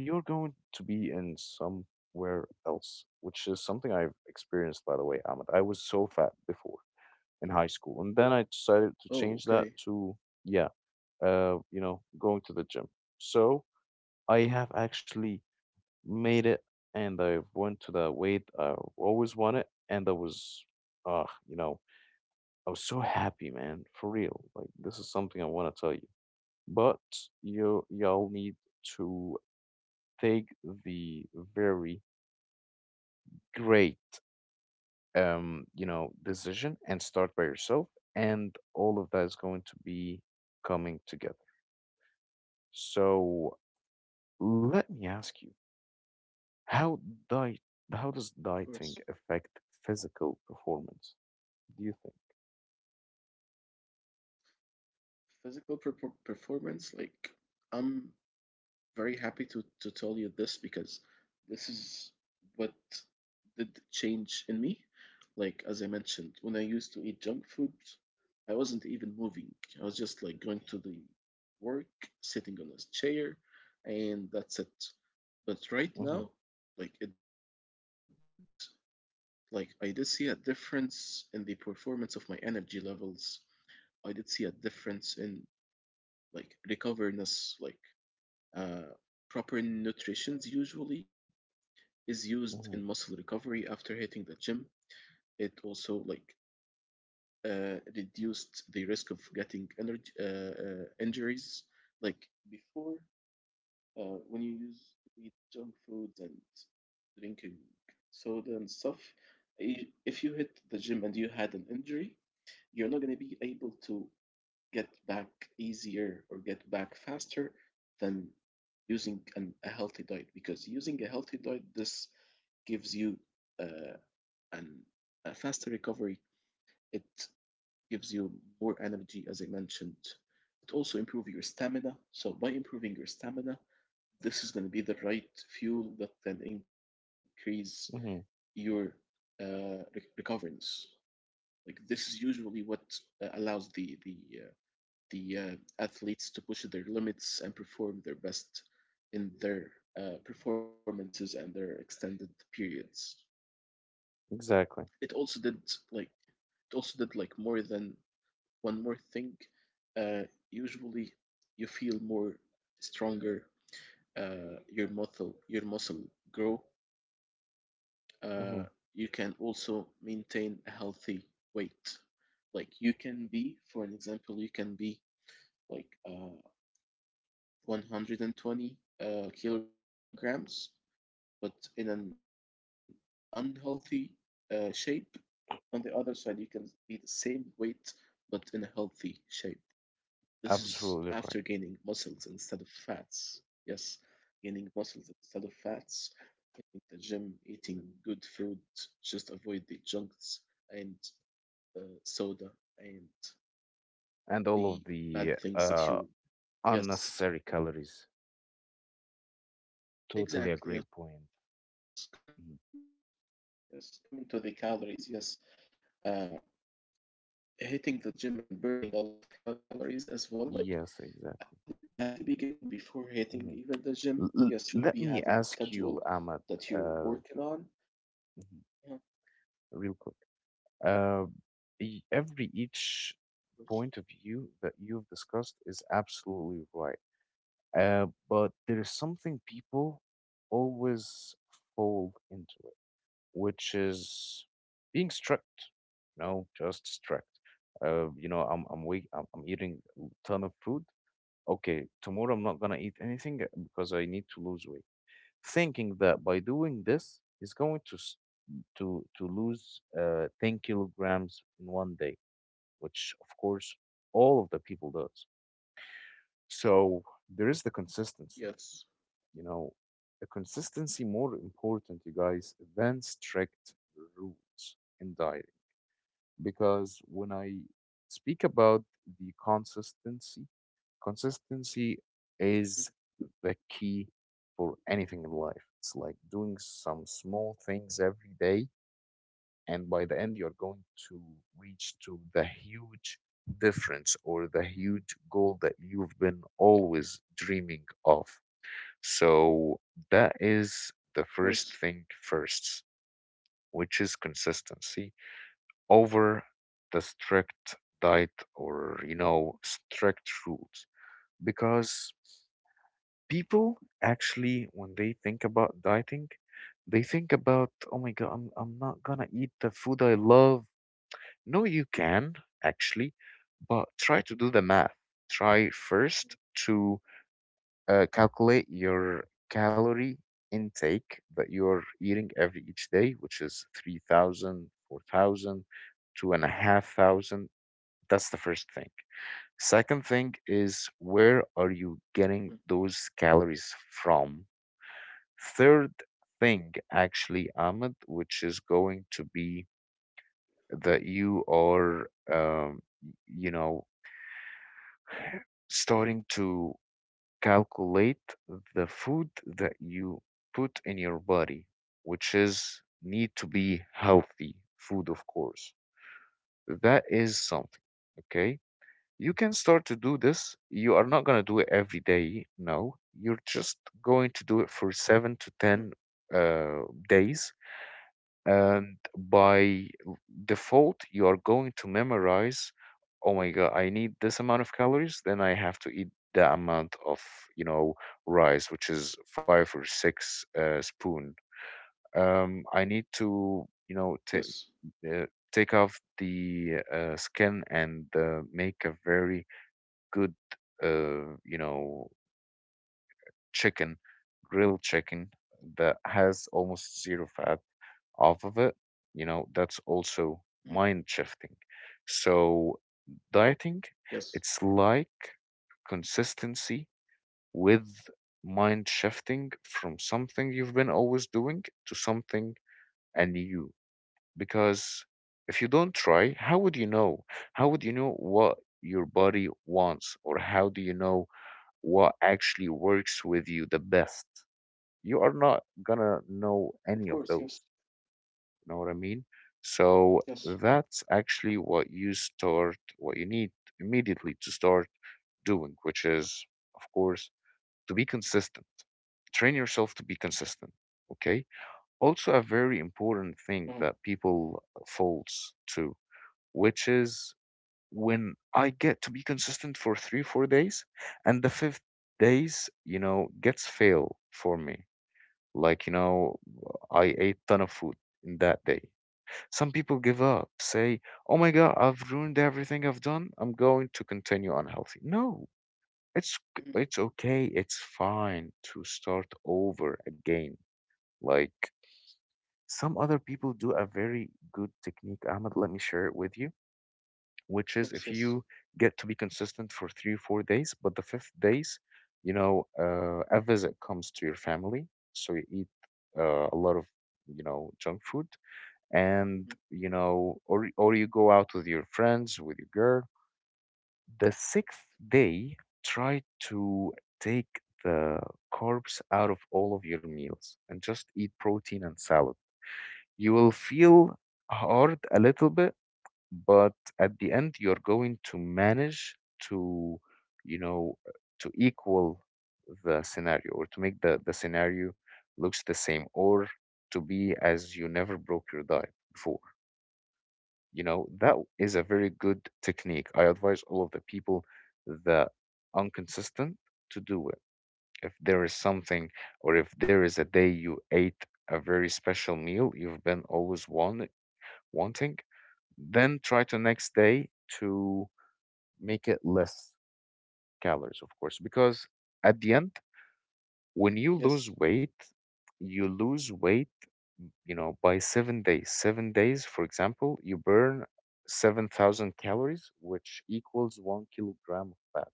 [SPEAKER 1] you're going to be in somewhere else, which is something I've experienced, by the way, Ahmed. I was so fat before in high school, and then I decided to change that
[SPEAKER 2] Oh,
[SPEAKER 1] to,
[SPEAKER 2] okay, of
[SPEAKER 1] yeah, going to the gym. So I have actually made it and I went to the weight I always wanted, and I was uh you know I was so happy, man, for real. Like this is something I want to tell you, but you y'all need to take the very great decision and start by yourself, and all of that is going to be coming together. So let me ask you, how diet how does
[SPEAKER 2] course.
[SPEAKER 1] dieting affect physical performance? Do you
[SPEAKER 2] Performance, like I'm very happy to tell you this, because this is what did change in me. Like as I mentioned, when I used to eat junk food, I wasn't even moving. I was just like going to the work, sitting on a chair, and that's it.
[SPEAKER 1] think? Mm-hmm,
[SPEAKER 2] But right now, like it did like I did see a difference in the performance of my energy levels. I did see a difference in like recoverness, like uh, proper nutrition usually is used in
[SPEAKER 1] mm-hmm,
[SPEAKER 2] muscle recovery after hitting the gym. It also like reduced the risk of getting energy injuries. Like before, when you use eat junk foods and drinking soda and stuff, if you hit the gym and you had an injury, you're not going to be able to get back easier or get back faster than using a healthy diet, because using a healthy diet, this gives you uh, an, a faster recovery. It gives you more energy, as I mentioned. It also improves your stamina, so by improving your stamina, this is going to be the right fuel that can increase
[SPEAKER 1] mm-hmm.
[SPEAKER 2] your uh, recoverance. Like this is usually what allows uh, the athletes to push their limits and perform their best in their performances and their extended periods. It
[SPEAKER 1] Exactly.
[SPEAKER 2] also did like more than one more thing. Uh, Usually, you feel more stronger. Your muscle grow. Uh,
[SPEAKER 1] Mm-hmm.
[SPEAKER 2] you can also maintain a healthy weight. Like you can be, for an example, you can be like 120 kilograms, but in an unhealthy shape. On the other side, you can be the same weight, but in a healthy shape. This is after
[SPEAKER 1] Absolutely
[SPEAKER 2] gaining
[SPEAKER 1] right.
[SPEAKER 2] muscles instead of fats. Yes, gaining muscles instead of fats, in the gym, eating good food, just avoid the junks and soda and
[SPEAKER 1] And all of
[SPEAKER 2] the
[SPEAKER 1] the
[SPEAKER 2] bad things that you.
[SPEAKER 1] unnecessary
[SPEAKER 2] Yes,
[SPEAKER 1] calories. Totally a great point.
[SPEAKER 2] exactly. Yes,
[SPEAKER 1] Mhm.
[SPEAKER 2] coming to the calories. Yes, uh, hitting the gym and burning a lot of calories as well. Like at the,
[SPEAKER 1] Yes,
[SPEAKER 2] at the
[SPEAKER 1] exactly.
[SPEAKER 2] beginning, before hitting even the gym,
[SPEAKER 1] Mhm.
[SPEAKER 2] yes, you should be having a
[SPEAKER 1] Let
[SPEAKER 2] schedule
[SPEAKER 1] me ask
[SPEAKER 2] that you're
[SPEAKER 1] you, Ahmad.
[SPEAKER 2] working on.
[SPEAKER 1] uh,
[SPEAKER 2] Yeah, of
[SPEAKER 1] mhm, real quick. Uh, every each
[SPEAKER 2] course.
[SPEAKER 1] point of view that you've discussed is absolutely right. But there is something people always fall into, which is being strict. No, just strict. You know, I'm eating a ton of food. Okay, tomorrow I'm not gonna eat anything because I need to lose weight. Thinking that by doing this, he's going to to lose 10 kilograms in one day, which of course all of the people does. So there is the
[SPEAKER 2] Yes.
[SPEAKER 1] consistency. You know, the consistency more important, you guys, than strict rules in diet. Because when I speak about the consistency, consistency
[SPEAKER 2] Mm,
[SPEAKER 1] is the key for anything in life. It's like doing some small things every day, and by the end, you're going to reach to the huge difference or the huge goal that you've been always dreaming of. So that
[SPEAKER 2] of course.
[SPEAKER 1] is the first thing first, which is consistency over the strict diet or strict rules because people actually when they think about dieting they think about, oh my god, I'm not gonna eat the food I love. No, you can actually, but try to do the math. Try first to calculate your calorie intake that you're eating every each day, which is three thousand, four thousand, two and a half thousand. That's the first thing. Second thing is,
[SPEAKER 2] Mm.
[SPEAKER 1] where are you getting those calories from? Third thing, actually, Ahmed, which is going to be that you are, you know, starting to calculate the food that you put in your body, which is need to be healthy food, of course. That is something, okay? You can start to do this. You are not going to do it every day. No, you're just going to do it
[SPEAKER 2] Mhm.
[SPEAKER 1] for seven to 10 uh, days. And by default, you are going to memorize, oh my God, I need this amount of calories. Then I have to eat the amount of, you know, rice, which is five or six spoon. I need
[SPEAKER 2] Yes.
[SPEAKER 1] to, ta uh, take off the skin and make a very good, uh, you know, chicken, grilled chicken that has almost zero fat off of it. You know,
[SPEAKER 2] Mm,
[SPEAKER 1] that's also mind shifting. So
[SPEAKER 2] yes,
[SPEAKER 1] dieting, it's like consistency with mind shifting from something you've been always doing to something anew. Because if you don't try, how would you know? How would you know what your body wants, or how do you know what actually works with you the best? You are not
[SPEAKER 2] of course.
[SPEAKER 1] gonna
[SPEAKER 2] Yes,
[SPEAKER 1] know any of those. You know what I mean?
[SPEAKER 2] yes.
[SPEAKER 1] So that's actually what you start, what you need immediately to start doing, which is, of course, to be consistent. Train yourself to be consistent. Okay. Also, a very
[SPEAKER 2] Mhm.
[SPEAKER 1] important thing that people falls to, which is, when I get to be consistent for three, 4 days, and the fifth days, you know, gets fail for me. Like, you know, I ate ton of food in that day. Some people give up, say, "Oh my God, I've ruined everything I've done. I'm going to continue unhealthy." No,
[SPEAKER 2] Mhm, of
[SPEAKER 1] it's okay. It's fine to start over again. Like, some other people do a very good technique. Ahmed, let me share it with you, which is,
[SPEAKER 2] course.
[SPEAKER 1] if
[SPEAKER 2] Yes.
[SPEAKER 1] you get to be consistent for 3 or 4 days, but the fifth days, you know, a visit comes to your family, so you eat a lot of, you know, junk food, and
[SPEAKER 2] Mhm,
[SPEAKER 1] you know, or you go out with your friends, with your girl. The sixth day, try to take the carbs out of all of your meals and just eat protein and salad. You will feel hard a little bit, but at the end you're going to manage to, you know uh, to equal the scenario, or to make the scenario looks the same, or to be as you never broke your diet before. You know, that is a very good technique. I advise all of the people that inconsistent to do it. If there is something, or if there is a day you ate a very special meal you've been always wanting, then try to next day to make it less calories, of course, because at the end, when you lose
[SPEAKER 2] yes.
[SPEAKER 1] weight, you lose weight, you know, by 7 days. 7 days, for example, you burn 7,000 calories, which equals 1 kilogram of fat.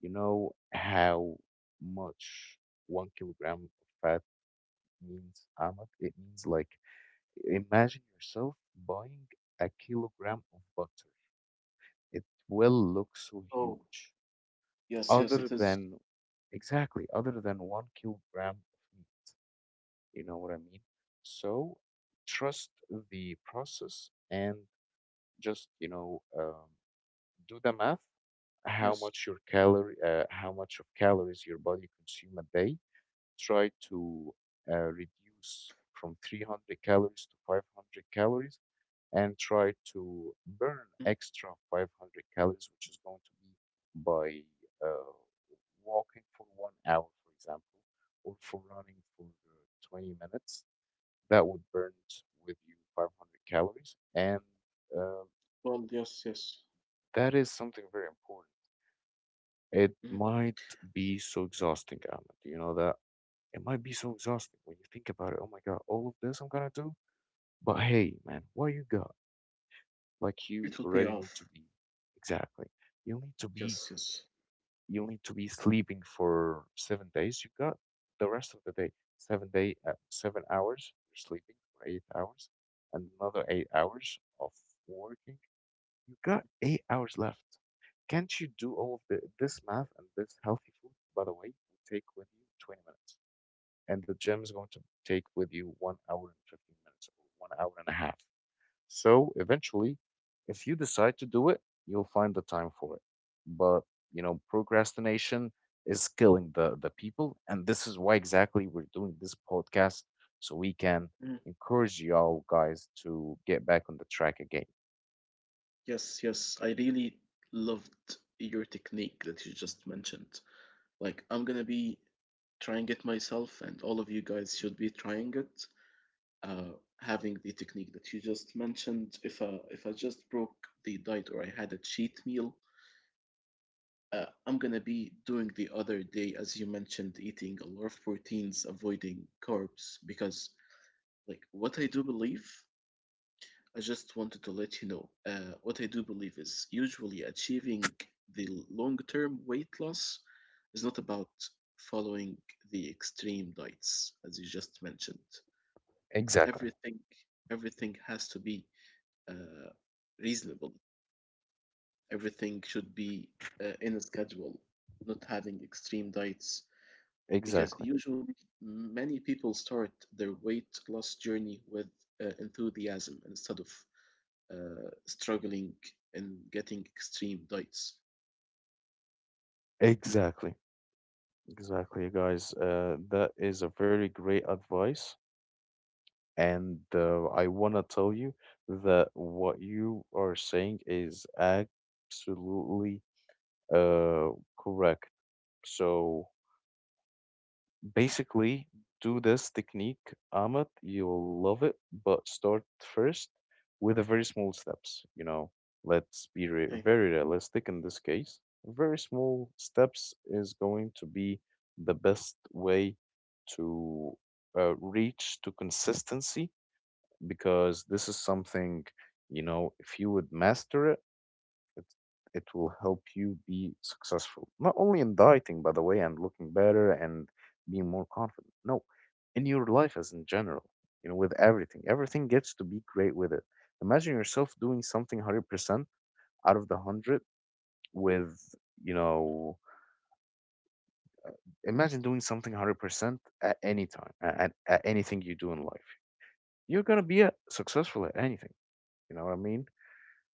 [SPEAKER 1] You know how much 1 kilogram of fat means, Ahmad? It means like, imagine yourself buying a kilogram of butter. It will look so
[SPEAKER 2] Oh,
[SPEAKER 1] huge.
[SPEAKER 2] yes, yes.
[SPEAKER 1] Other
[SPEAKER 2] It is.
[SPEAKER 1] than, exactly, other than 1 kilogram of meat. You know what I mean? So trust the process and just, do the math.
[SPEAKER 2] Yes.
[SPEAKER 1] How much of calories your body consume a day? Try to reduce from 300 calories to 500 calories, and try
[SPEAKER 2] Mm.
[SPEAKER 1] to burn extra 500 calories, which is going to be by uh, walking for 1 hour, for example, or for running for 20 minutes. That would burn with you 500 calories. And
[SPEAKER 2] Well,
[SPEAKER 1] uh,
[SPEAKER 2] yes, yes.
[SPEAKER 1] that is something very important.
[SPEAKER 2] Mhm.
[SPEAKER 1] It might be so exhausting, Ahmed. You know that? It might be so exhausting when you think about it. Oh my God, all of this I'm gonna do? But hey, man, what you got? Like,
[SPEAKER 2] It will
[SPEAKER 1] you
[SPEAKER 2] pay
[SPEAKER 1] already
[SPEAKER 2] off.
[SPEAKER 1] need to be, exactly. You need to
[SPEAKER 2] Yes,
[SPEAKER 1] be,
[SPEAKER 2] yes.
[SPEAKER 1] you need to be sleeping for 7 days. You got the rest of the day. 7 hours you're sleeping, for 8 hours, and another 8 hours of working. You got 8 hours left. Can't you do all of this math? And this healthy food, by the way, will take with you 20 minutes. And the gym is going to take with you 1 hour and 15 minutes, or 1 hour and a half. So eventually, if you decide to do it, you'll find the time for it. But, you know, procrastination is killing the people. And this is why exactly we're doing this podcast, so we can encourage y'all guys to get back on the track again.
[SPEAKER 2] Yes, yes, I really loved your technique that you just mentioned. Like, I'm gonna be trying it myself, and all of you guys should be trying it. Uh, Having the technique that you just mentioned, if I just broke the diet or I had a cheat meal, I'm gonna be doing the other day, as you mentioned, eating a lot of proteins, avoiding carbs, because, like, what I do believe I just wanted to let you know, what I do believe is, usually, achieving the long term weight loss is not about following the extreme diets, as you just mentioned.
[SPEAKER 1] Exactly.
[SPEAKER 2] Everything, everything has to be uh, reasonable. Everything should be in a schedule, not having extreme diets. Because
[SPEAKER 1] Exactly.
[SPEAKER 2] usually many people start their weight loss journey with enthusiasm, instead of struggling and getting extreme diets.
[SPEAKER 1] Exactly. Exactly, guys. That is a very great advice. And I want to tell you that what you are saying is absolutely uh, correct. So basically, do this technique, Ahmed. You'll love it, but start first with a very small steps. You know, let's be
[SPEAKER 2] Okay,
[SPEAKER 1] very realistic in this case. Very small steps is going to be the best way to reach to consistency, because this is something, you know, if you would master it, it, it will help you be successful. Not only in dieting, by the way, and looking better and being more confident. No, in your life as in general, you know, with everything. Everything gets to be great with it. Imagine yourself doing something 100% out of the 100 with, you know, imagine doing something 100% at any time, at anything you do in life. You're going to be a successful at anything. You know what I mean?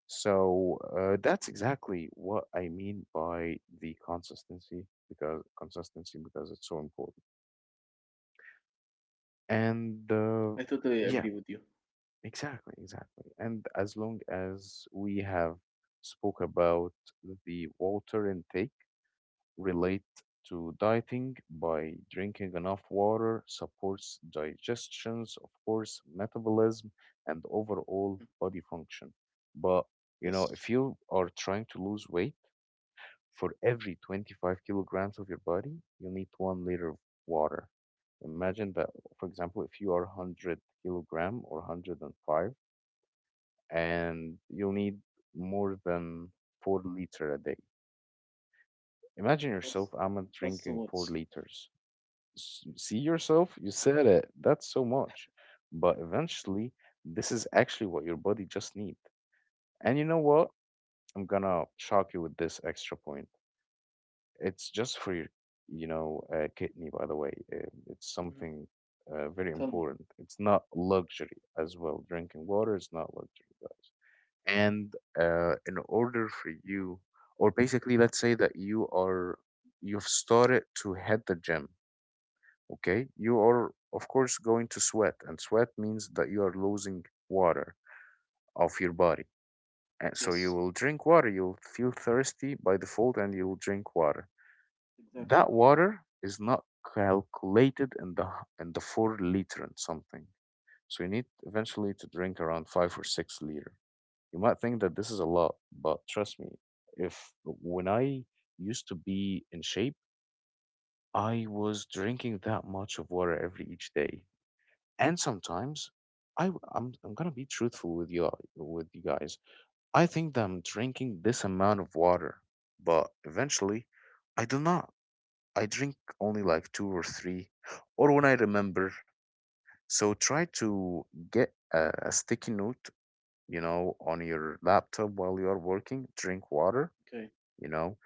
[SPEAKER 1] So that's exactly what I mean by the consistency, because consistency, because it's so important. And
[SPEAKER 2] I totally
[SPEAKER 1] yeah,
[SPEAKER 2] agree with you.
[SPEAKER 1] exactly, exactly. And as long as we have spoke about the water intake relate to dieting, by drinking enough water supports digestions, of course, metabolism and overall
[SPEAKER 2] Mm.
[SPEAKER 1] body function. But you know, if
[SPEAKER 2] Yes.
[SPEAKER 1] you are trying to lose weight, for every 25 kilograms of your body, you need 1 liter of water. Imagine that, for example, if you are 100 kilogram or 105, and you'll need more than 4 liter a day. Imagine yourself,
[SPEAKER 2] That's
[SPEAKER 1] I'm drinking
[SPEAKER 2] that's too
[SPEAKER 1] 4
[SPEAKER 2] much.
[SPEAKER 1] liters. See yourself? You said it. That's so much. But eventually, this is actually what your body just needs. And you know what? I'm gonna shock you with this extra point. It's just for your, you know, kidney, by the way. It's something
[SPEAKER 2] Mhm.
[SPEAKER 1] very
[SPEAKER 2] Tell
[SPEAKER 1] important.
[SPEAKER 2] me.
[SPEAKER 1] It's not luxury as well. Drinking water is not luxury, guys. And in order for you, or basically, let's say that you are, you've started to hit the gym, okay? You are, of course, going to sweat, and sweat means that you are losing water off your body. And so you will
[SPEAKER 2] Yes.
[SPEAKER 1] drink water, you'll feel thirsty by default, and you'll drink water. That
[SPEAKER 2] Exactly.
[SPEAKER 1] water is not calculated in in the 4 liter and something. So you need eventually to drink around 5 or 6 liter. You might think that this is a lot, but trust me, if when I used to be in shape, I was drinking that much of water every each day. And sometimes I'm gonna be truthful with with you guys. I think that I'm drinking this amount of water, but eventually I do not. I drink only like two or three, or when I remember. So try to get a sticky note, you know, on your laptop while you are working. Drink water, you
[SPEAKER 2] Okay.
[SPEAKER 1] know,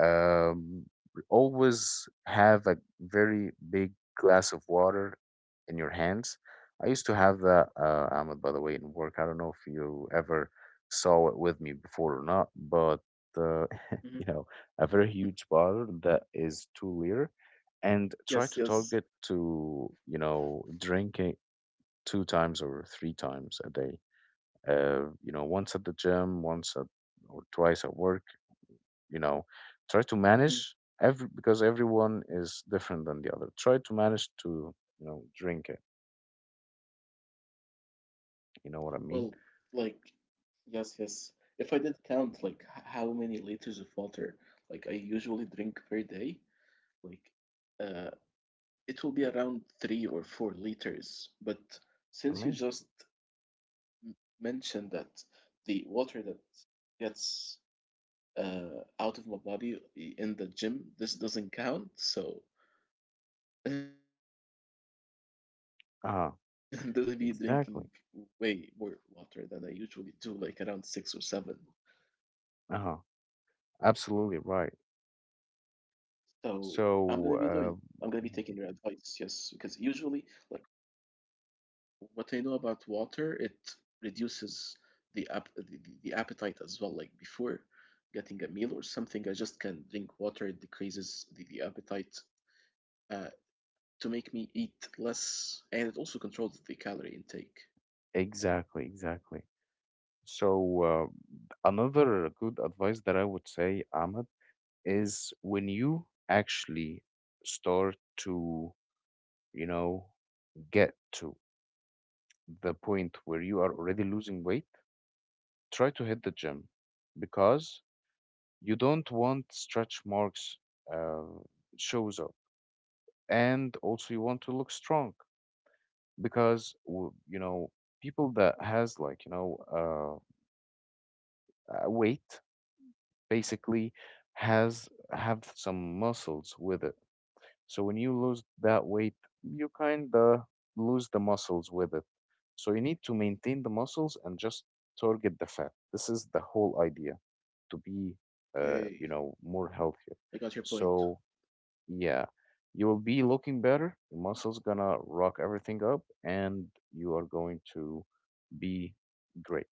[SPEAKER 1] um, always have a very big glass of water in your hands. I used to have that, Ahmed, by the way, in work. I don't know if you ever saw it with me before or not, but uh, you know,
[SPEAKER 2] Hmm.
[SPEAKER 1] a very huge bottle that is 2 liter, and try to target
[SPEAKER 2] Yes, yes.
[SPEAKER 1] to you know drink it two times or three times a day. Once at the gym, once at or twice at work, you know try to
[SPEAKER 2] Hmm.
[SPEAKER 1] manage every, because everyone is different than the other. Try to manage to drink it. You know what I
[SPEAKER 2] Well,
[SPEAKER 1] mean?
[SPEAKER 2] like, yes, yes. If I did count like how many liters of water like I usually drink per day, like uh, it will be around 3 or 4 liters. But since you
[SPEAKER 1] Amazing.
[SPEAKER 2] just m- mentioned that the water that gets out of my body in the gym, this doesn't count. So in this case, I'm gonna be drinking
[SPEAKER 1] Uh-huh.
[SPEAKER 2] way more water than I
[SPEAKER 1] Exactly.
[SPEAKER 2] usually do, like around six or seven.
[SPEAKER 1] Uh-huh. Absolutely right.
[SPEAKER 2] So I'm gonna be doing it. I'm gonna be taking your
[SPEAKER 1] So,
[SPEAKER 2] advice,
[SPEAKER 1] uh,
[SPEAKER 2] yes, because usually, like, what I know about water, it reduces the, ap- the appetite as well. Like before getting a meal or something, I just can drink water. It decreases the appetite, uh, to make me eat less, and it also controls the calorie intake.
[SPEAKER 1] exactly, exactly. So, uh, another good advice that I would say, Ahmed, is when you actually start to you know get to the point where you are already losing weight, try to hit the gym. Because you don't want stretch marks uh, shows up, and also you want to look strong. Because people that has, like, weight basically has have some muscles with it. So when you lose that weight, you kind of lose the muscles with it. So you need to maintain the muscles and just target the fat. This is the whole idea, to be
[SPEAKER 2] Okay,
[SPEAKER 1] more healthier.
[SPEAKER 2] I got your
[SPEAKER 1] So
[SPEAKER 2] point.
[SPEAKER 1] yeah, you will be looking better. Your muscles gonna rock everything up, and you are going to be great.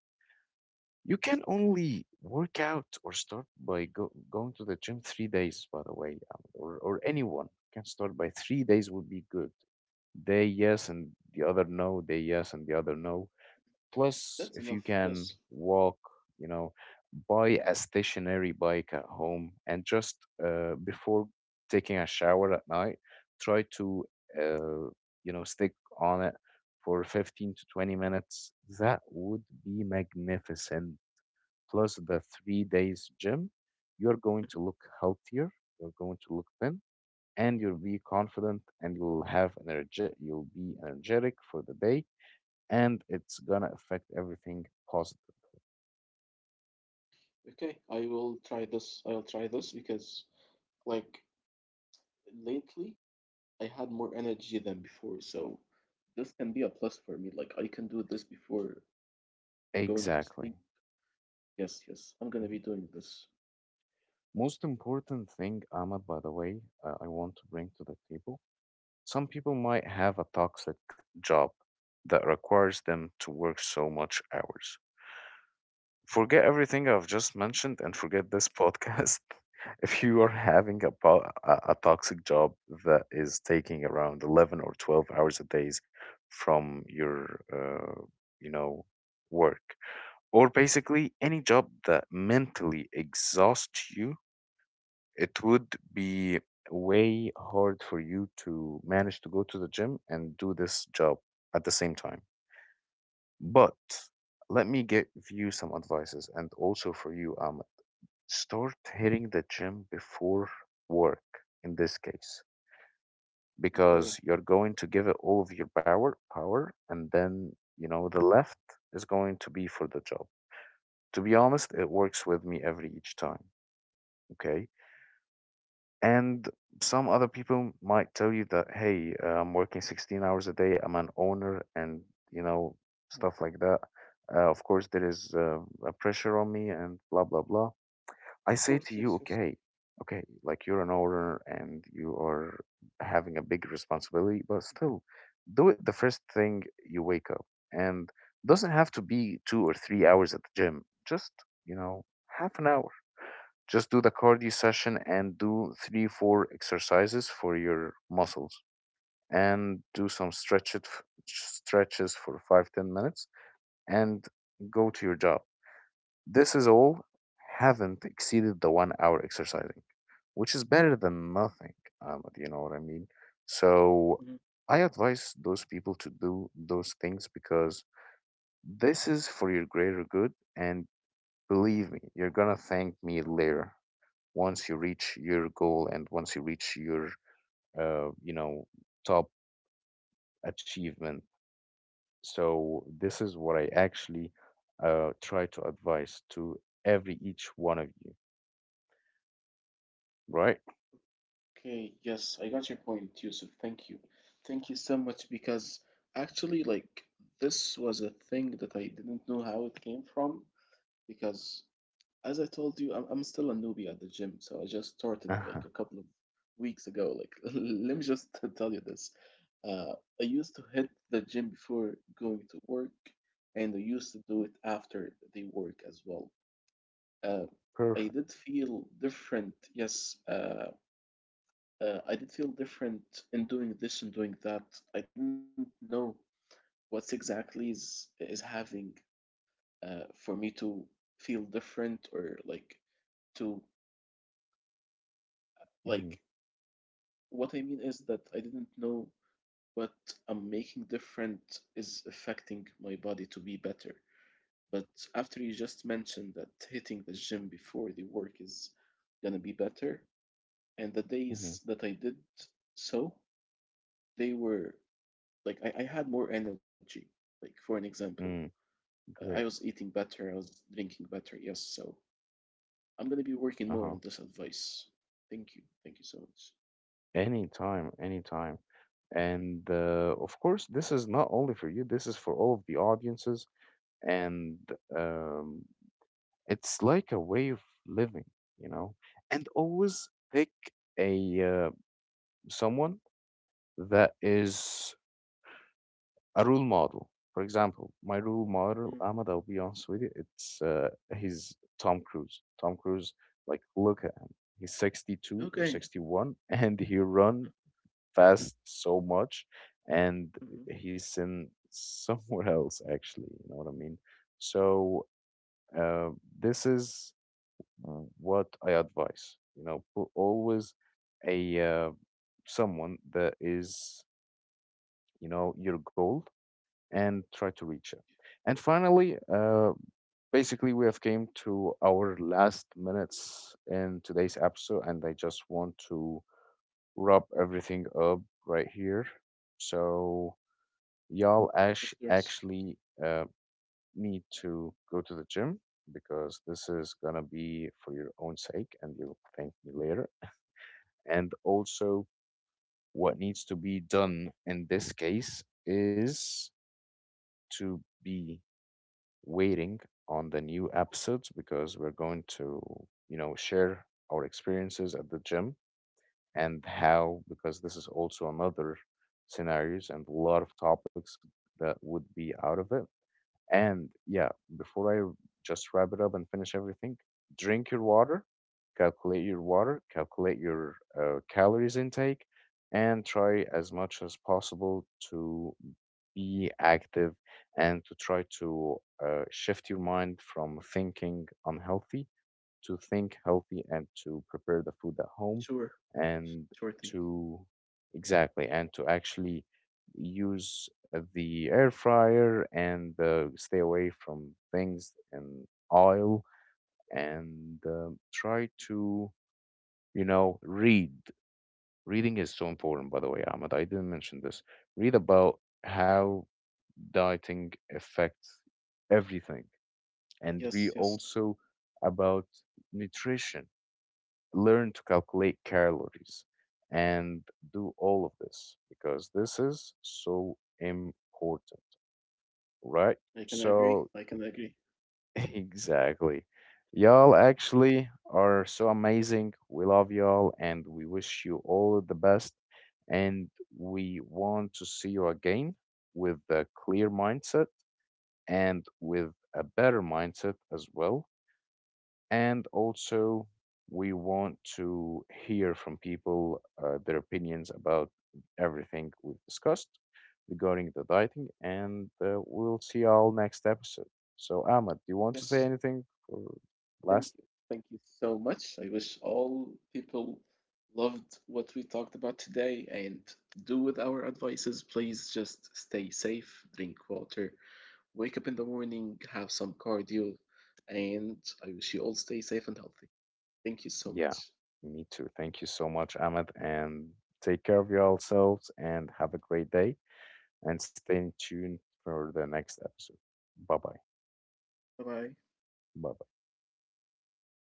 [SPEAKER 1] You can only work out or start by go going to the gym 3 days, by the way, or anyone can start by 3 days would be good. Day yes and the other no, day yes and the other no. Plus,
[SPEAKER 2] That's
[SPEAKER 1] if you
[SPEAKER 2] enough.
[SPEAKER 1] can
[SPEAKER 2] Yes.
[SPEAKER 1] walk, you know, buy a stationary bike at home. And just before taking a shower at night, try to uh, stick on it for 15 to 20 minutes. That would be magnificent. Plus, the 3 days gym, you're going to look healthier, you're going to look thin, and you'll be confident, and you'll have energy, you'll be energetic for the day, and it's gonna affect everything positive.
[SPEAKER 2] Okay, I will try this. I'll try this because, like, lately I had more energy than before, so this can be a plus for me. Like, I can do this before going to
[SPEAKER 1] Exactly.
[SPEAKER 2] sleep. Yes, yes. I'm gonna be
[SPEAKER 1] Mhm.
[SPEAKER 2] doing this.
[SPEAKER 1] Most important thing, Ahmad, by the way, I want to bring to the table. Some people might have a toxic job that requires them to work so much hours. Forget everything I've just mentioned, and forget this podcast. If you are having a toxic job that is taking around 11 or 12 hours a day from your you know, work, or basically any job that mentally exhausts you, it would be way hard for you to manage to go to the gym and do this job at the same time. But let me give you some advices, and also for you, start hitting the gym before work in this case,
[SPEAKER 2] Okay.
[SPEAKER 1] because you're going to give it all of your power, and then the left is going to be for the job. To be honest, it works with me every each time. Okay. And some other people might tell you that, hey, I'm working 16 hours a day. I'm an owner, and you know, stuff like that. Of course, there is a pressure on me, and blah, blah, blah.
[SPEAKER 2] Of
[SPEAKER 1] I say
[SPEAKER 2] course,
[SPEAKER 1] to
[SPEAKER 2] yes,
[SPEAKER 1] you,
[SPEAKER 2] yes.
[SPEAKER 1] okay, okay, like, you're an owner and you are having a big responsibility, but still do it the first thing you wake up. And doesn't have to be 2 or 3 hours at the gym. Just, you know, half an hour. Just do the cardio session and do three, four exercises for your muscles, and do some stretches for 5, 10 minutes, and go to your job. This is all. Haven't exceeded the 1 hour exercising, which is better than nothing. You know what I mean? So
[SPEAKER 2] Mhm.
[SPEAKER 1] I advise those people to do those things, because this is for your greater good. And believe me, you're going to thank me later, once you reach your goal and once you reach your uh, you know top achievement. So this is what I actually try to advise to every each one of you, right?
[SPEAKER 2] Okay, yes, I got your point, Yusuf. Thank you. Thank you so much, because actually, like, this was a thing that I didn't know how it came from because, as I told you, I'm still a newbie at the gym, so I just started like
[SPEAKER 1] Uh-huh.
[SPEAKER 2] a couple of weeks ago. Like, let me just tell you this. Uh, I used to hit the gym before going to work, and I used to do it after the work as well. uh, I
[SPEAKER 1] Perfect.
[SPEAKER 2] did feel different. Yes, I did feel different in doing this and doing that. I didn't know what's exactly is having, for me to feel different, or like to like,
[SPEAKER 1] Hmm.
[SPEAKER 2] what I mean is that I didn't know what I'm making different is affecting my body to be better. But after you just mentioned that hitting the gym before the work is gonna be better, and the
[SPEAKER 1] Hmm.
[SPEAKER 2] days that I did so, they were like, I had more energy. Like for an example,
[SPEAKER 1] Mm,
[SPEAKER 2] I
[SPEAKER 1] great.
[SPEAKER 2] was eating better, I was drinking better. Yes, so I'm gonna be working more on
[SPEAKER 1] Uh-huh.
[SPEAKER 2] this advice. Thank you so much.
[SPEAKER 1] Anytime, anytime. And of course, this is not only for you, this is for all of the audiences. And um, it's like a way of living, you know? And always pick a someone that is a role model. For example, my role model, Ahmed,
[SPEAKER 2] Mm.
[SPEAKER 1] I'll be honest with you, it's he's Tom Cruise. Tom Cruise, like, look at him. He's 62 or
[SPEAKER 2] Okay.
[SPEAKER 1] 61, and he run fast so much, and
[SPEAKER 2] Hmm.
[SPEAKER 1] he's in somewhere else, actually. You know what I mean? So uh, this is what I advise. Put always a someone that is, your goal, and try to reach it. And finally, basically, we have came to our last minutes in today's episode, and I just want to wrap everything up right here. So y'all ash
[SPEAKER 2] Of course.
[SPEAKER 1] actually uh, need to go to the gym, because this is gonna be for your own sake, and you'll thank me later. And also, what needs to be done in this case is to be waiting on the new episodes, because we're going to share our experiences at the gym and how, because this is also another scenarios and a lot of topics that would be out of it. And yeah, before I just wrap it up and finish everything, drink your water, calculate your water, calculate your calories intake, and try as much as possible to be active, and to try to shift your mind from thinking unhealthy to think healthy, and to prepare the food at home,
[SPEAKER 2] Sure.
[SPEAKER 1] and
[SPEAKER 2] Sure thing.
[SPEAKER 1] to, exactly, and to actually use the air fryer, and stay away from things and oil, and try to read. Reading is so important, by the way, Ahmed. I didn't mention this. Read about how dieting affects everything, and read
[SPEAKER 2] Yes, yes,
[SPEAKER 1] also about nutrition. Learn to calculate calories, and do all of this, because this is so important, right?
[SPEAKER 2] I can
[SPEAKER 1] So,
[SPEAKER 2] agree. I can agree.
[SPEAKER 1] exactly. Y'all actually are so amazing. We love y'all, and we wish you all the best. And we want to see you again with a clear mindset and with a better mindset as well. And also, we want to hear from people, their opinions about everything we've discussed regarding the dieting. And we'll see y'all next episode. So, Ahmed, do you want to
[SPEAKER 2] Yes.
[SPEAKER 1] say anything for
[SPEAKER 2] Thank
[SPEAKER 1] last?
[SPEAKER 2] you. Thank you so much. I wish all people loved what we talked about today and do with our advices. Please just stay safe, drink water, wake up in the morning, have some cardio, and I wish you all stay safe and healthy. Thank you so
[SPEAKER 1] Yeah,
[SPEAKER 2] much.
[SPEAKER 1] me too. Thank you so much, Ahmed. And take care of yourselves, and have a great day. And stay tuned for the next episode. Bye bye.
[SPEAKER 2] Bye bye.
[SPEAKER 1] Bye bye.